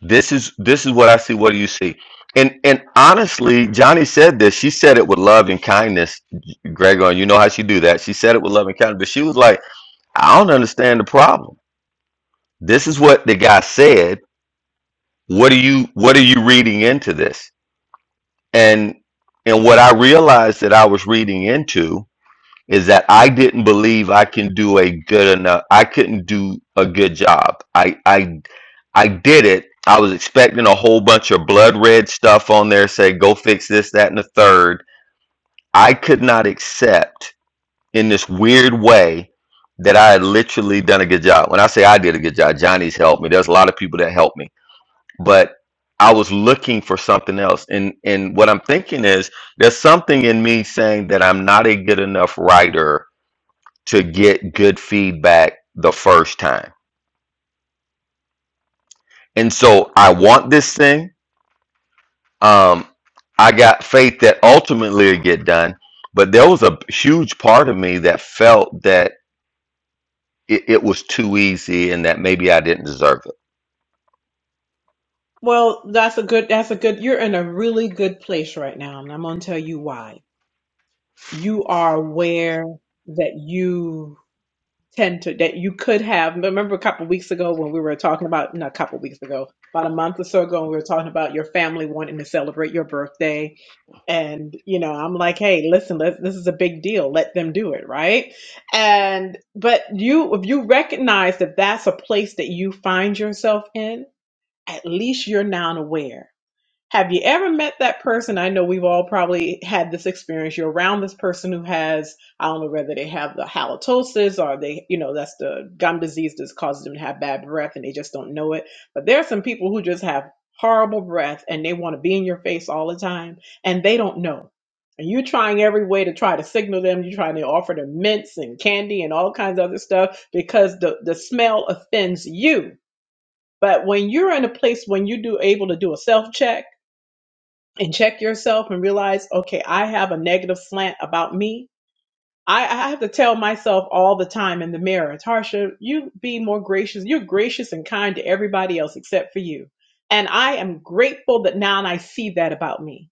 S1: This is this is what I see. What do you see? And and honestly, Johnny said this. She said it with love and kindness, Gregor. you know how she do that. She said it with love and kindness, but she was like, I don't understand the problem. This is what the guy said. What are you What are you reading into this? And and what I realized that I was reading into is that I didn't believe I can do a good enough. I couldn't do a good job. I I I did it. I was expecting a whole bunch of blood red stuff on there, say go fix this, that, and the third. I could not accept in this weird way that I had literally done a good job. When I say I did a good job, Johnny's helped me. There's a lot of people that helped me, but I was looking for something else. And and what I'm thinking is there's something in me saying that I'm not a good enough writer to get good feedback the first time. And so I want this thing. Um, I got faith that ultimately it get done, but there was a huge part of me that felt that it, it was too easy and that maybe I didn't deserve it.
S8: Well, that's a good, that's a good, you're in a really good place right now, and I'm going to tell you why. You are aware that you tend to, that you could have, remember a couple weeks ago when we were talking about, not a couple weeks ago, about a month or so ago, when we were talking about your family wanting to celebrate your birthday. And, you know, I'm like, hey, listen, let, this is a big deal. Let them do it, right? And, but you, if you recognize that that's a place that you find yourself in, at least you're now aware have you ever met that person? I know we've all probably had this experience. You're around this person who has, I don't know whether they have the halitosis or they, you know, that's the gum disease that causes them to have bad breath and they just don't know it. But there are some people who just have horrible breath and they want to be in your face all the time and they don't know. And you're trying every way to try to signal them. You're trying to offer them mints and candy and all kinds of other stuff because the, the smell offends you. But when you're in a place when you do able to do a self check, and check yourself and realize, okay, I have a negative slant about me. I, I have to tell myself all the time in the mirror, Tarsha, you be more gracious. You're gracious and kind to everybody else except for you. And I am grateful that now I see that about me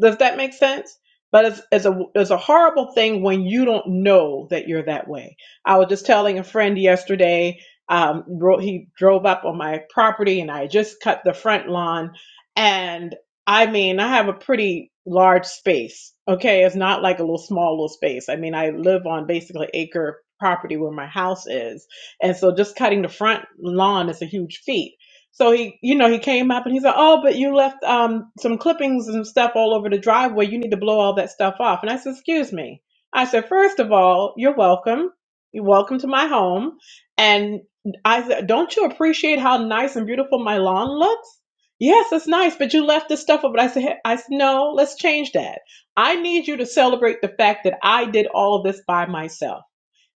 S8: does that make sense? But it's, it's a it's a horrible thing when you don't know that you're that way. I was just telling a friend yesterday. Um, dro- he drove up on my property, and I just cut the front lawn. And I mean, I have a pretty large space. Okay, it's not like a little small little space. I mean, I live on basically acre property where my house is, and so just cutting the front lawn is a huge feat. So he, you know, he came up and he said, "Oh, but you left um, some clippings and stuff all over the driveway. You need to blow all that stuff off." And I said, "Excuse me." I said, "First of all, you're welcome. You're welcome to my home." And I said, "Don't you appreciate how nice and beautiful my lawn looks?" Yes, it's nice, but you left this stuff up. And I said, "Hey," "I said no. Let's change that. I need you to celebrate the fact that I did all of this by myself."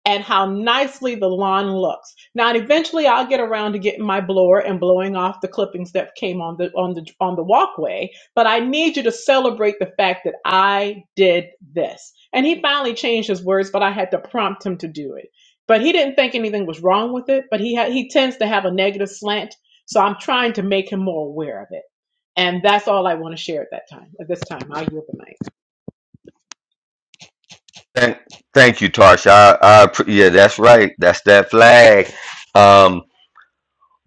S8: and how nicely the lawn looks. Now, eventually, I'll get around to getting my blower and blowing off the clippings that came on the on the on the walkway. But I need you to celebrate the fact that I did this. And he finally changed his words, but I had to prompt him to do it. But he didn't think anything was wrong with it. But he had, he tends to have a negative slant, so I'm trying to make him more aware of it. And that's all I want to share at that time. At this time, I yield the mic.
S1: Thank, thank you, Tarsha. I, I, appre- yeah, that's right. That's that flag. Um,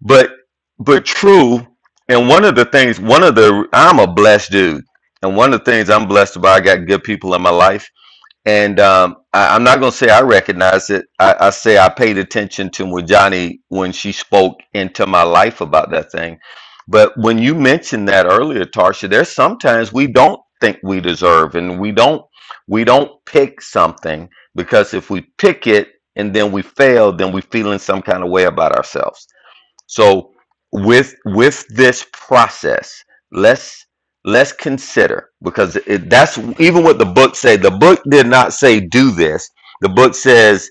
S1: but but true. And one of the things, one of the, I'm a blessed dude, and one of the things I'm blessed about, I got good people in my life And um, I, I'm not going to say I recognized it. I, I say I paid attention to Mujani when she spoke into my life about that thing. But when you mentioned that earlier, Tarsha, there's sometimes we don't think we deserve, and we don't we don't pick something because if we pick it and then we fail, then we feel in some kind of way about ourselves. So with with this process, let's let's consider because it, that's even what the book say. The book did not say do this. The book says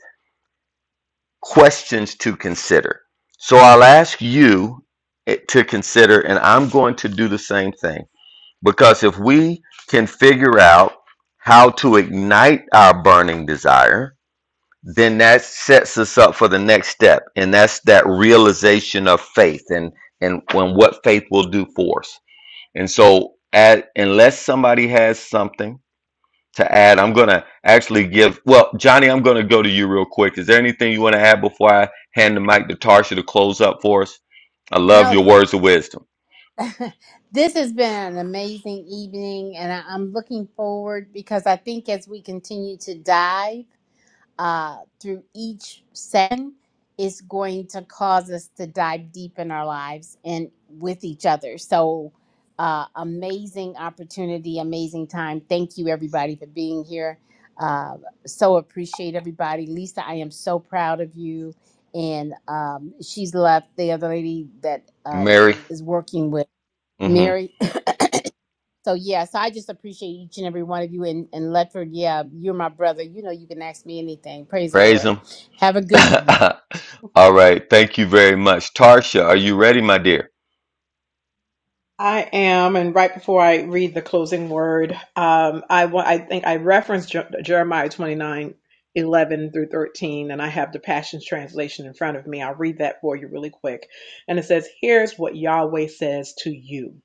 S1: questions to consider. So I'll ask you eh, to consider, and I'm going to do the same thing because if we can figure out how to ignite our burning desire, then that sets us up for the next step and that's that realization of faith and and when what faith will do for us and so add, unless somebody has something to add i'm gonna actually give well johnny i'm gonna go to you real quick is there anything you want to add before i hand the mic to tarsha to close up for us i love your words of wisdom
S3: This has been an amazing evening, and I- I'm looking forward because I think as we continue to dive uh, through each session, it's going to cause us to dive deep in our lives and with each other. So, uh, amazing opportunity, amazing time. Thank you, everybody, for being here. Uh, so appreciate everybody. Lisa, I am so proud of you. And um, she's left the other lady that uh,
S1: mary
S3: is working with.
S1: mm-hmm,
S3: Mary. So yeah, so I just appreciate each and every one of you and, and Ledford, yeah, you're my brother. You know you can ask me anything. Praise the
S1: praise
S3: Lord.
S1: him
S3: Have a good
S1: all right thank you very much tarsha are you ready my dear
S8: I am, and right before I read the closing word, um, I want, I think I referenced Je- Jeremiah 29, 11 through 13, and I have the Passion Translation in front of me. I'll read that for you really quick. And it says, Here's what Yahweh says to you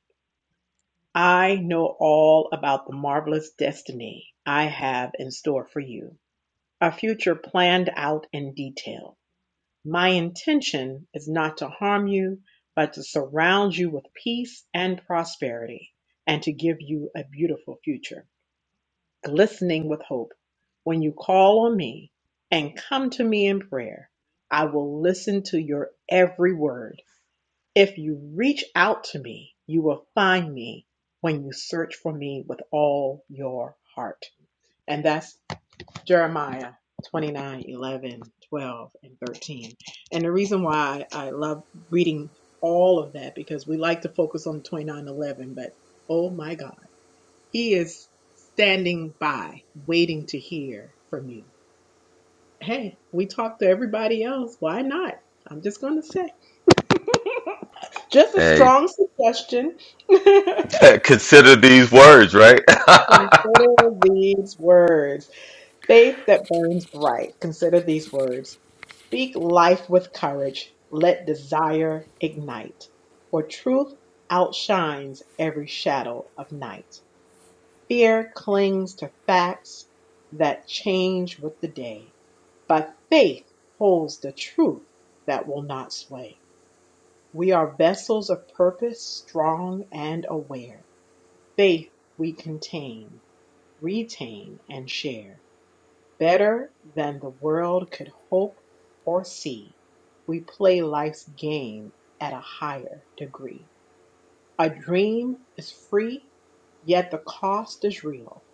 S8: I know all about the marvelous destiny I have in store for you, a future planned out in detail. My intention is not to harm you, but to surround you with peace and prosperity, and to give you a beautiful future, glistening with hope. When you call on me and come to me in prayer, I will listen to your every word. If you reach out to me, you will find me when you search for me with all your heart. And that's Jeremiah 29 11 12 and 13. And the reason why I love reading all of that because we like to focus on 29 11, but oh my God, he is standing by, waiting to hear from you. Hey, we talk to everybody else. Why not? I'm just going to say, just a
S1: Hey.
S8: strong suggestion.
S1: Consider these words, right?
S8: Consider these words. Faith that burns bright. Consider these words. Speak life with courage. Let desire ignite. For truth outshines every shadow of night. Fear clings to facts that change with the day, but faith holds the truth that will not sway. We are vessels of purpose, strong and aware. Faith we contain, retain, and share Better than the world could hope or see, we play life's game at a higher degree. A dream is free, yet the cost is real.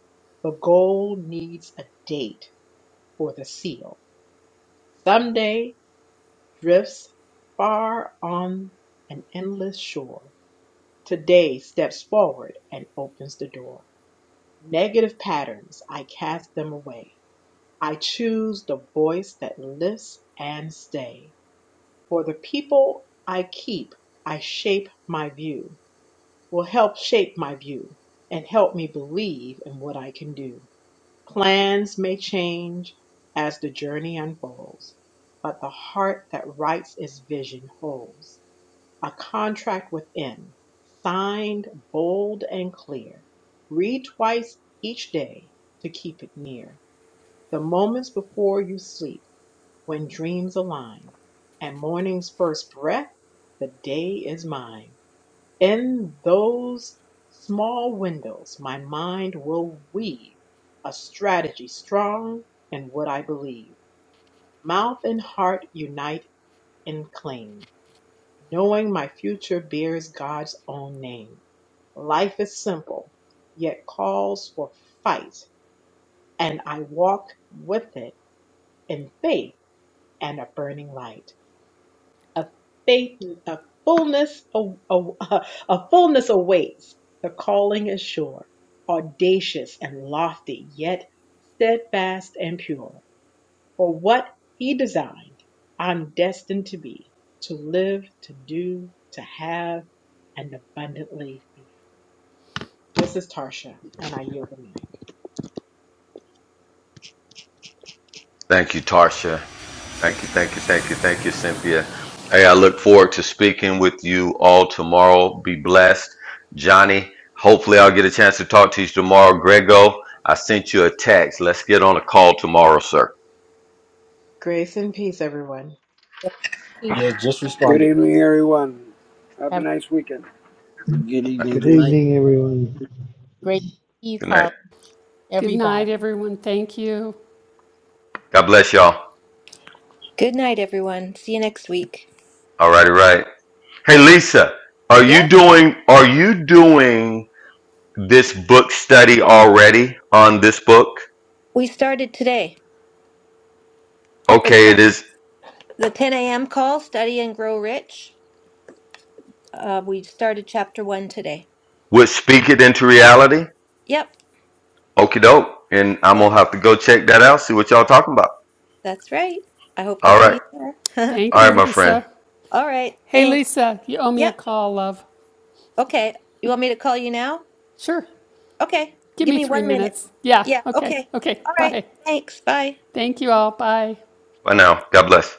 S8: The goal needs a date for the seal. Someday drifts far on an endless shore. Today steps forward and opens the door. Negative patterns, I cast them away. I choose the voice that lifts and stay. For the people I keep, I shape my view, will help shape my view and help me believe in what I can do. Plans may change as the journey unfolds, but the heart that writes its vision holds a contract within, signed bold and clear. Read twice each day to keep it near. The moments before you sleep when dreams align and morning's first breath, the day is mine. In those small windows, my mind will weave a strategy strong in what I believe. Mouth and heart unite and cling, knowing my future bears God's own name. Life is simple, yet calls for fight, and I walk with it in faith and a burning light. a faith, a fullness, a, a, a fullness awaits. The calling is sure, audacious and lofty, yet steadfast and pure. For what he designed, I'm destined to be, to live, to do, to have, and abundantly be. This is Tarsha, and I yield the mic.
S1: thank you, Tarsha. Thank you, thank you, thank you, thank you, Cynthia. Hey, I look forward to speaking with you all tomorrow. Be blessed. Johnny, hopefully I'll get a chance to talk to you tomorrow. Grego, I sent you a text. Let's get on a call tomorrow, sir.
S8: Grace and peace, everyone.
S3: one.
S2: Good evening, everyone. Have a
S3: Have a
S2: nice weekend.
S6: Good
S1: All right,
S6: evening,
S7: Good
S6: good night.
S7: evening, everyone.
S3: great day,
S1: Good night.
S3: Carl.
S9: Good night,
S3: Everybody.
S9: everyone. Thank you.
S1: God bless y'all.
S4: Good night, everyone. See you next week.
S1: All righty, right. Hey, Lisa, are you
S4: Yep,
S1: doing, are you doing this book study already on this book?
S4: we started today. It's
S1: Okay, it
S4: uh,
S1: is.
S4: the 10 a.m. call, Study and Grow Rich. Uh, we started chapter one today.
S1: would speak it into reality.
S4: Yep.
S1: Okie doke. And I'm
S4: Yeah.
S1: gonna have to go check that out, see what y'all talking about.
S4: That's right. I hope to
S1: All
S4: see
S1: right.
S4: you there.
S9: Thank
S1: All right,
S9: you,
S1: my friend.
S9: Lisa.
S4: All right.
S9: Hey,
S4: Thanks.
S9: Lisa, you owe me a
S4: Yep.
S9: call, love.
S4: Okay. You want me to call you now?
S9: Sure.
S4: Okay.
S9: Give
S4: Give
S9: me
S4: me
S9: three
S4: one minute.
S9: minutes. Yeah.
S4: Yeah.
S9: Okay.
S4: Okay.
S9: Okay.
S4: All right.
S9: Bye.
S4: Thanks. Bye.
S9: Thank you all. Bye.
S1: Bye now. God bless.